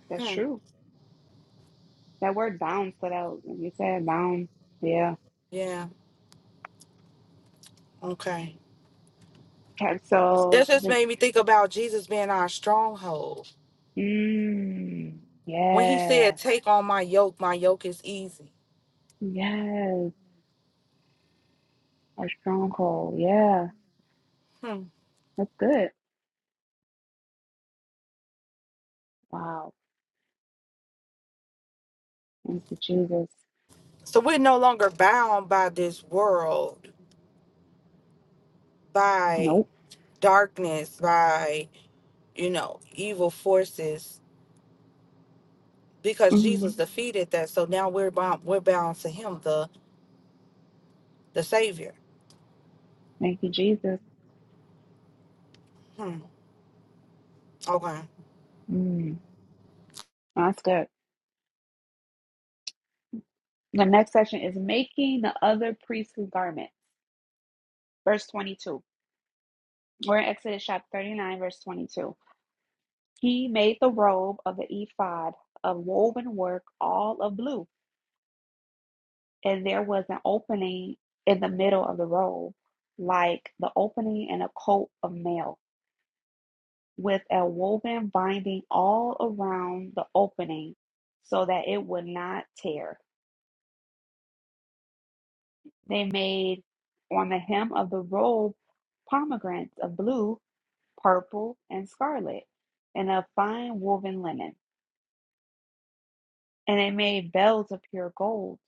S1: That's
S3: Hmm.
S1: true. That word bound stood out. when You said bound. Yeah.
S3: Yeah. Okay.
S1: Okay, So
S3: That just
S1: the
S3: made me think about Jesus being our stronghold
S1: mm,
S3: when He
S1: yeah,
S3: said, "Take on my yoke. My yoke is easy."
S1: yes, a stronghold. Yeah,
S3: Hmm.
S1: that's good. Wow. Thank you, Jesus.
S3: So we're no longer bound by this world, by
S1: Nope.
S3: darkness, by you know evil forces because
S1: hmm
S3: Jesus defeated that. So now we're bound. We're bound to Him. The the Savior.
S1: Thank you, Jesus.
S3: Hmm. Okay.
S1: Mm, that's good. The next section is making the other priestly garment. Verse 22. We're in Exodus chapter 39, verse 22. He made the robe of the ephod of woven work, all of blue, and there was an opening in the middle of the robe, like the opening in a coat of mail, with a woven binding all around the opening so that it would not tear. They made on the hem of the robe pomegranates of blue, purple, and scarlet, and of fine woven linen. And they made bells of pure gold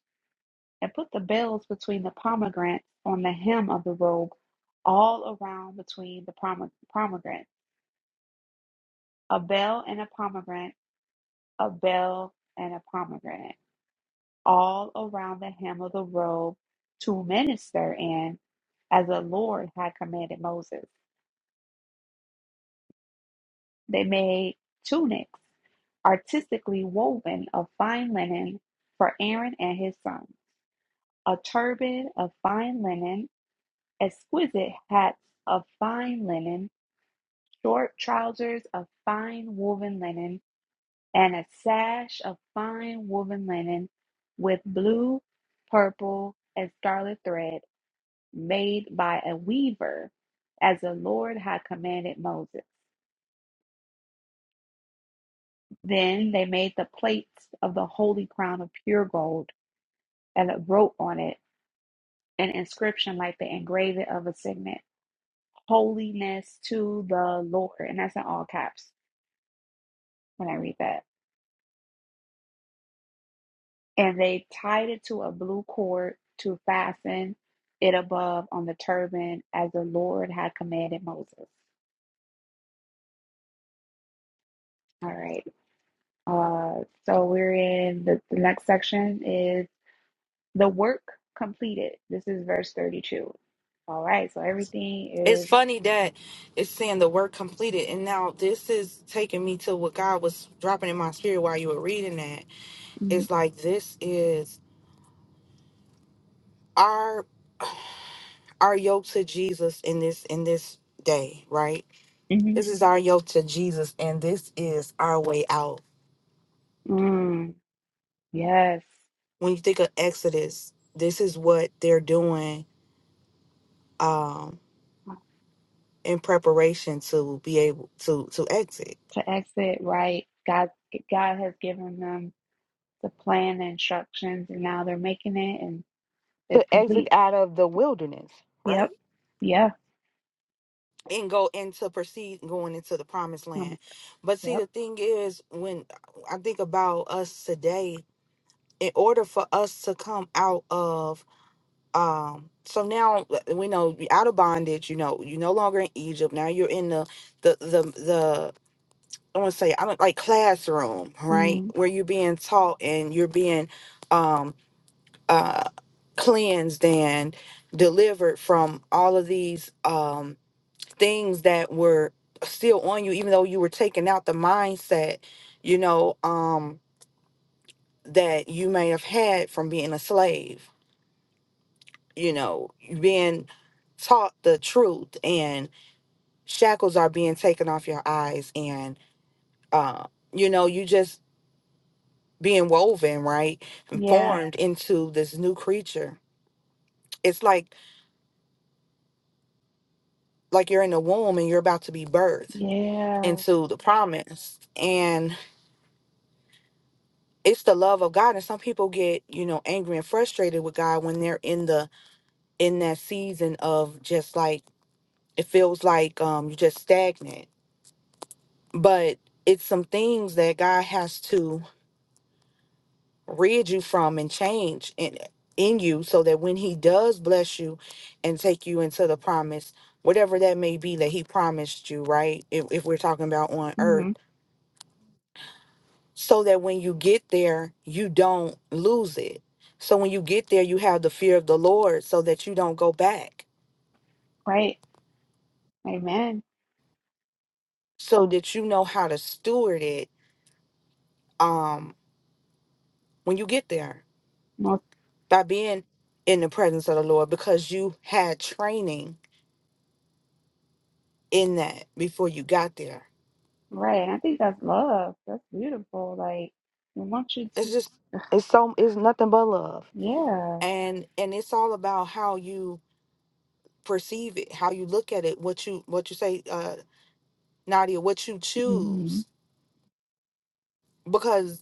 S1: and put the bells between the pomegranates on the hem of the robe, all around between the pome- pomegranate. A bell and a pomegranate, a bell and a pomegranate, all around the hem of the robe to minister in, as the Lord had commanded Moses. They made tunics artistically woven of fine linen for Aaron and his sons, a turban of fine linen, exquisite hats of fine linen short trousers of fine woven linen, and a sash of fine woven linen with blue, purple, and scarlet thread made by a weaver, as the Lord had commanded Moses. Then they made the plates of the holy crown of pure gold and wrote on it an inscription like the engraving of a signet holiness to the Lord. And that's in all caps when I read that. and they tied it to a blue cord to fasten it above on the turban as the Lord had commanded Moses. All right. Uh, so we're in the, the next section is the work completed. This is verse 32. All right. So everything
S3: It's
S1: is.
S3: funny that it's saying the work completed, and now this is taking me to what God was dropping in my spirit while you were reading that.
S1: Mm,
S3: It's like this is our our yoke to Jesus in this in this day, right?
S1: mhm.
S3: This is our yoke to Jesus, and this is our way out.
S1: Mm, yes.
S3: When you think of Exodus, this is what they're doing um, in preparation to be able to to exit,
S1: To exit, right? God, God has given them the plan, the instructions, and now they're making it and
S3: to
S1: it's
S3: exit
S1: complete.
S3: out of the wilderness, right?
S1: Yep. Yeah.
S3: and go into proceed going into the promised land.
S1: Um,
S3: But see, the
S1: Yep.
S3: thing is, when I think about us today, in order for us to come out of um so now uh, we know you're out of bondage you know you're no longer in egypt now you're in the the the, the i want to say i don't like classroom right
S1: Mm,
S3: where you're being taught and you're being um uh cleansed and delivered from all of these um, things that were still on you even though you were taking out the mindset you know um that you may have had from being a slave you know you being taught the truth and shackles are being taken off your eyes and uh you know you just being woven right and
S1: yeah.
S3: formed into this new creature it's like like you're in the womb and you're about to be birthed
S1: Yeah.
S3: into the promise and. it's the love of God. And some people get, you know, angry and frustrated with God when they're in the in that season of just like it feels like um you're just stagnant. But it's some things that God has to rid you from and change in in you so that when he does bless you and take you into the promise, whatever that may be that he promised you, right? If if we're talking about on earth.
S1: hmm
S3: so that when you get there, you don't lose it. So when you get there, you have the fear of the Lord so that you don't go back,
S1: Right. Amen.
S3: so that you know how to steward it um, when you get there
S1: Most
S3: by being in the presence of the Lord because you had training in that before you got there.
S1: right. And I think that's love. That's beautiful. Like we want you
S3: It's
S1: to.
S3: just, it's so, it's nothing but love.
S1: Yeah.
S3: And, and it's all about how you perceive it, how you look at it, what you, what you say, uh, Nadia, what you
S1: hmm
S3: choose because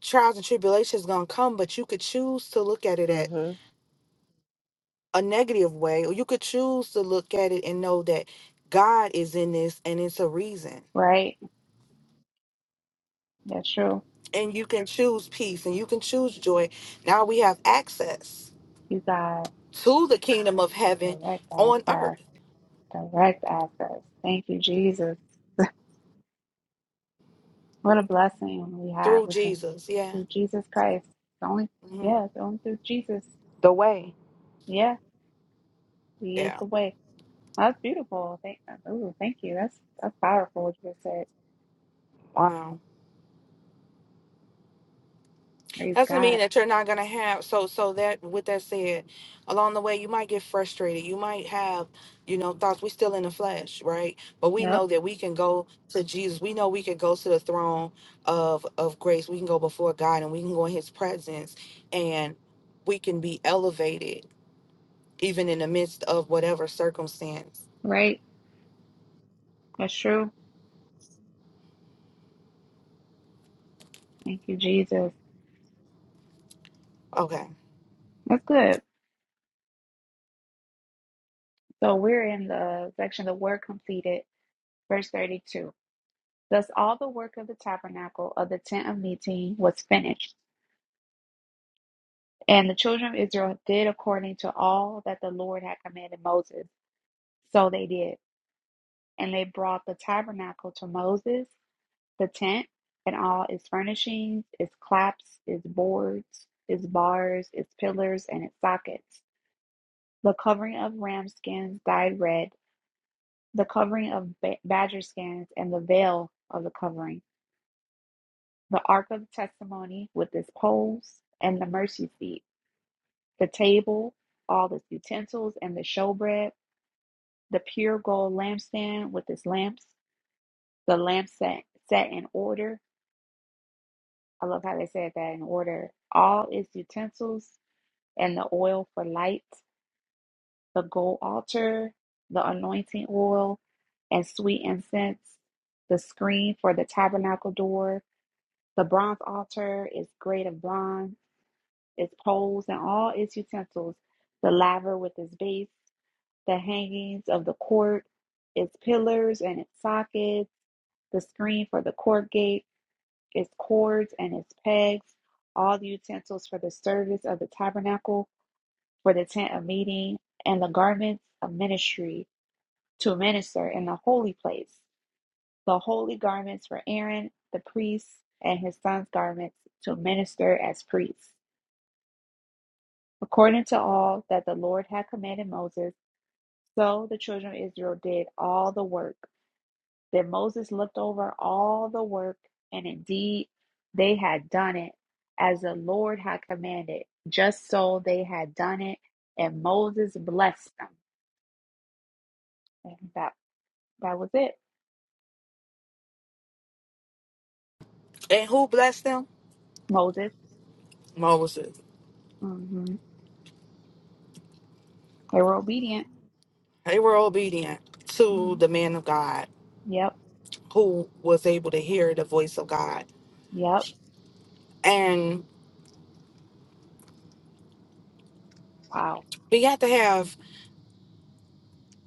S3: trials and tribulations going to come, but you could choose to look at it at
S5: Mm-hmm.
S3: a negative way, or you could choose to look at it and know that God is in this and it's a reason.
S1: Right. That's true.
S3: And you can choose peace and you can choose joy. Now we have access
S1: You got
S3: to the kingdom of heaven
S1: direct
S3: on
S1: access.
S3: earth
S1: Direct access. Thank you, Jesus. What a blessing we have.
S3: through
S1: We can
S3: Jesus. Yeah.
S1: through Jesus Christ. It's only
S3: hmm
S1: yeah. It's only through Jesus.
S3: The way.
S1: Yeah. He is
S3: Yeah.
S1: the way. That's beautiful. Thank, ooh, thank you. That's that's powerful what you just said.
S3: Wow.
S1: Praise
S3: Doesn't mean
S1: God.
S3: that you're not gonna have so so that with that said, along the way you might get frustrated. You might have, you know, thoughts. We still in the flesh, right? But we
S1: Yep.
S3: know that we can go to Jesus. We know we can go to the throne of of grace. We can go before God and we can go in his presence and we can be elevated even in the midst of whatever circumstance.
S1: Right. That's true. Thank you, Jesus.
S3: Okay.
S1: That's good. So we're in the section the work completed, verse 32. Thus all the work of the tabernacle of the tent of meeting was finished. And the children of Israel did according to all that the Lord had commanded Moses. So they did. And they brought the tabernacle to Moses The tent and all its furnishings, its claps, its boards, its bars, its pillars, and its sockets. The covering of ram skins dyed red, the covering of badger skins, and the veil of the covering. The ark of the testimony with its poles and the mercy seat. The table, all its utensils, and the showbread. The pure gold lampstand with its lamps. The lamp set, set in order. I love how they said that in order. All its utensils and the oil for light, the gold altar, the anointing oil, and sweet incense, the screen for the tabernacle door, the bronze altar is great of bronze, its poles and all its utensils, the laver with its base, the hangings of the court, its pillars and its sockets, the screen for the court gate, its cords and its pegs, all the utensils for the service of the tabernacle for the tent of meeting, and the garments of ministry to minister in the holy place, the holy garments for Aaron the priest, and his son's garments to minister as priests. According to all that the Lord had commanded Moses, so the children of Israel did all the work. Then Moses looked over all the work, and indeed they had done it as the Lord had commanded. Just so they had done it, and Moses blessed them. And That. That was it.
S3: And who blessed them?
S1: Moses.
S3: Moses.
S1: hmm They were obedient.
S3: They were obedient to
S1: Mhm.
S3: the man of God
S1: Yep.
S3: who was able to hear the voice of God
S1: Yep.
S3: And
S1: Wow.
S3: we got to have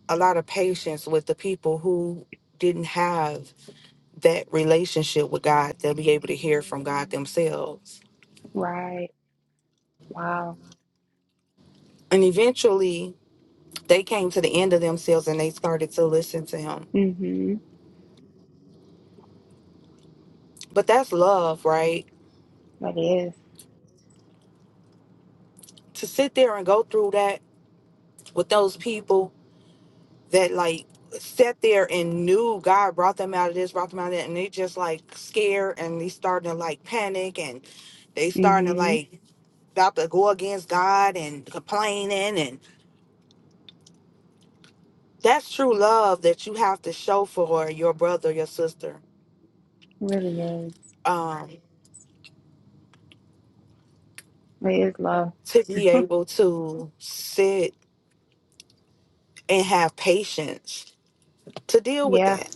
S3: a lot of patience with the people who didn't have that relationship with God. They'll be able to hear from God themselves.
S1: Right. Wow.
S3: And eventually they came to the end of themselves and they started to listen to him.
S1: hmm
S3: But that's love, right?
S1: That is.
S3: To sit there and go through that with those people that like sat there and knew God brought them out of this, brought them out of that, and they just like scared and they starting to like panic and they starting to
S1: Mm-hmm.
S3: like about to go against God and complaining and that's true love that you have to show for your brother, your sister.
S1: Really is.
S3: Um
S1: It is love.
S3: to be able to sit and have patience to deal with
S1: Yeah.
S3: that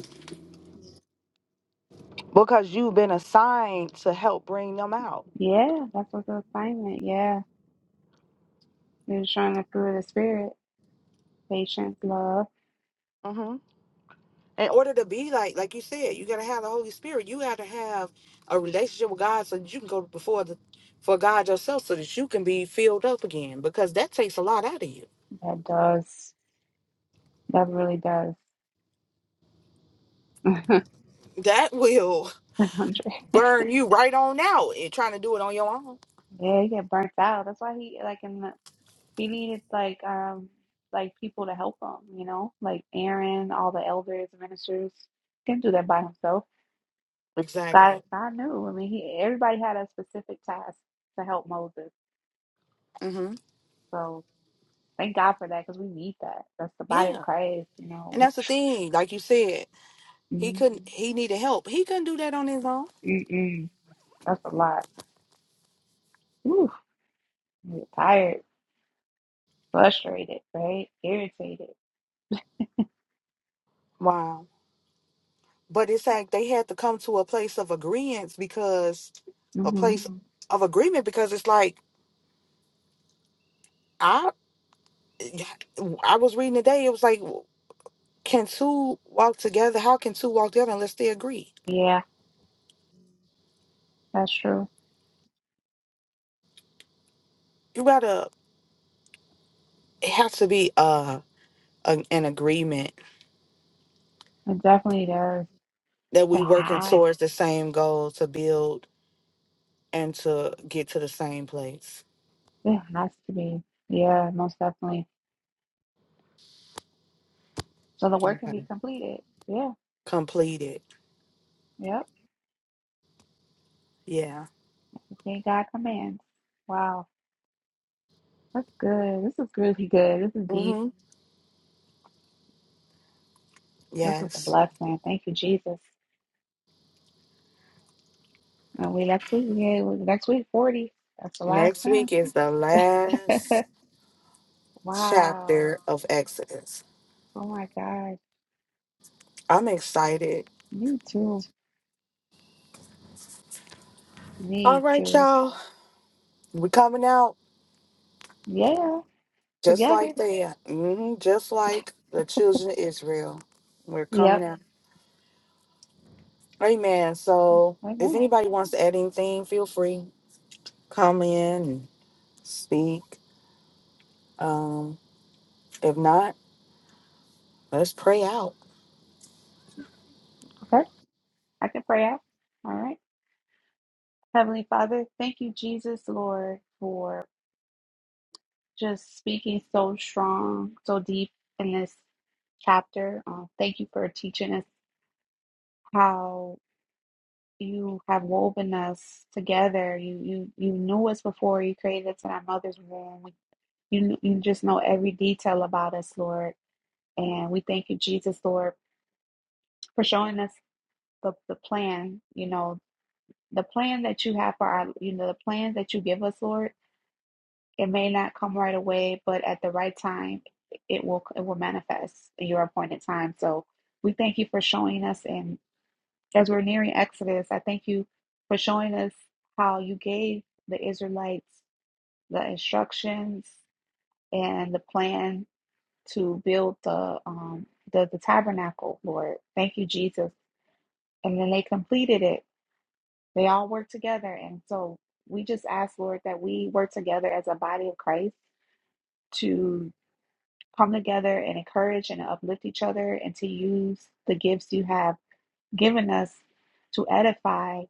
S3: because you've been assigned to help bring them out.
S1: Yeah. That's what the assignment. Yeah. You're just trying to through the spirit. Patience, love.
S3: hmm In order to be like, like you said, you gotta have the Holy Spirit. You gotta have a relationship with God so that you can go before the for God yourself so that you can be filled up again because that takes a lot out of you.
S1: That does. That really does. one
S3: That will
S1: Hundred.
S3: burn you right on out and trying to do it on your own.
S1: Yeah, he get burnt out. That's why he like in the He needed like um like people to help him, you know, like Aaron, all the elders, ministers. Didn't do that by himself. God,
S3: Exactly.
S1: God knew. I mean, he everybody had a specific task to help Moses.
S3: hmm
S1: So thank God for that because we need that. That's the body of
S3: Yeah.
S1: Christ, you
S3: And
S1: know.
S3: that's the thing, like you said, he
S1: Mm,
S3: couldn't he needed help. He couldn't do that on his own.
S1: mm, mm. That's a lot. Oof, we're tired, frustrated, right? Irritated.
S3: Wow. But it's like they had to come to a place of agreement because a
S1: hmm
S3: place Mhm. of agreement because it's like I I was reading today, it was like can two walk together? How can two walk together unless they agree?
S1: Yeah, that's true.
S3: You gotta it has to be uh an, an agreement
S1: It definitely does.
S3: that
S1: It
S3: we working
S1: has.
S3: towards the same goal to build and to get to the same place.
S1: It has to be. Yeah, most definitely. So the work can be
S3: Okay.
S1: completed. Yeah.
S3: Complete it.
S1: Yep.
S3: Yeah.
S1: Obtain God commands. Wow. That's good. This is really good. This is deep.
S3: Mm-hmm.
S1: This is a
S3: Yes.
S1: blessing. Thank you, Jesus. And we next week, yeah, we- next week, 40. That's the last
S3: Next
S1: one.
S3: week is the last chapter
S1: wow.
S3: of Exodus.
S1: Oh my God.
S3: I'm excited.
S1: Me too.
S3: All
S1: Me
S3: right,
S1: too.
S3: y'all. We're coming out
S1: Yeah.
S3: just
S1: Together.
S3: like that. hmm Just like the children of Israel. We're coming
S1: Yep.
S3: out. Amen. So if
S1: Amen.
S3: anybody wants to add anything, feel free. Come in and speak. Um, if not, let's pray out.
S1: Okay. I can pray out. All right. Heavenly Father, thank you, Jesus, Lord, for. just speaking so strong, so deep in this chapter. Um, thank you for teaching us how you have woven us together. You you you knew us before you created us in our mother's womb. You kn- you just know every detail about us, Lord. And we thank you, Jesus, Lord, for showing us the the plan. You know the plan that you have for our. You know the plans that you give us, Lord It may not come right away, but at the right time, it will it will manifest in your appointed time. So we thank you for showing us, and as we're nearing Exodus, I thank you for showing us how you gave the Israelites the instructions and the plan to build the um the, the tabernacle, Lord. Thank you, Jesus. And then they completed it. They all worked together, and so we just ask, Lord, that we work together as a body of Christ to. come together and encourage and uplift each other and to use the gifts you have given us to edify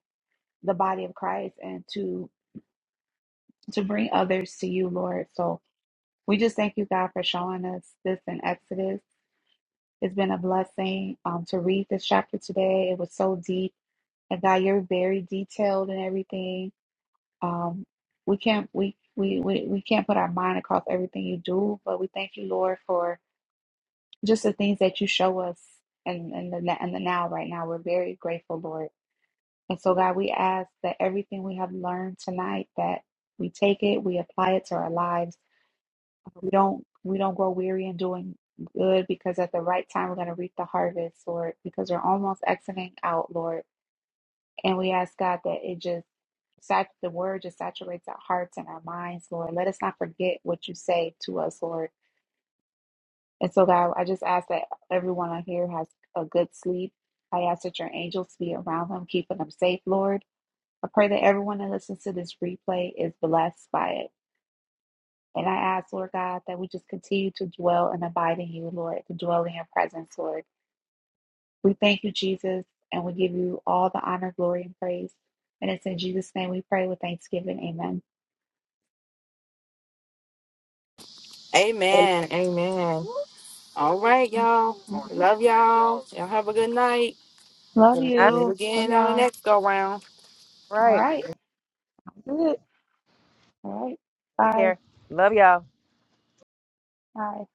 S1: the body of Christ and to to bring others to you, Lord. So we just thank you, God, for showing us this in Exodus. It's been a blessing um, to read this chapter today. It was so deep, and God, you're very detailed in everything. Um, we can't we, we we we can't put our mind across everything you do, but we thank you, Lord, for just the things that you show us and and the and the now right now we're very grateful lord and so god we ask that everything we have learned tonight that we take it we apply it to our lives we don't we don't grow weary in doing good because at the right time we're going to reap the harvest lord because we're almost exiting out lord and we ask god that it just sat the word just saturates our hearts and our minds lord let us not forget what you say to us lord And so, God, I just ask that everyone on here has a good sleep. I ask that your angels be around them, keeping them safe, Lord. I pray that everyone that listens to this replay is blessed by it. And I ask, Lord God, that we just continue to dwell and abide in you, Lord, to dwell in your presence, Lord. We thank you, Jesus, and we give you all the honor, glory, and praise. And it's in Jesus' name we pray with thanksgiving. Amen.
S5: Amen.
S3: Amen. Amen. All right, y'all.
S1: Mhm.
S3: Love y'all. Y'all have a good night.
S1: Love
S3: We'll meet
S1: you. Love
S3: again on the
S1: y'all.
S3: next go round.
S1: All
S5: Right.
S1: right. Good. All right.
S5: Take
S1: Bye.
S5: care. Love y'all.
S1: Bye.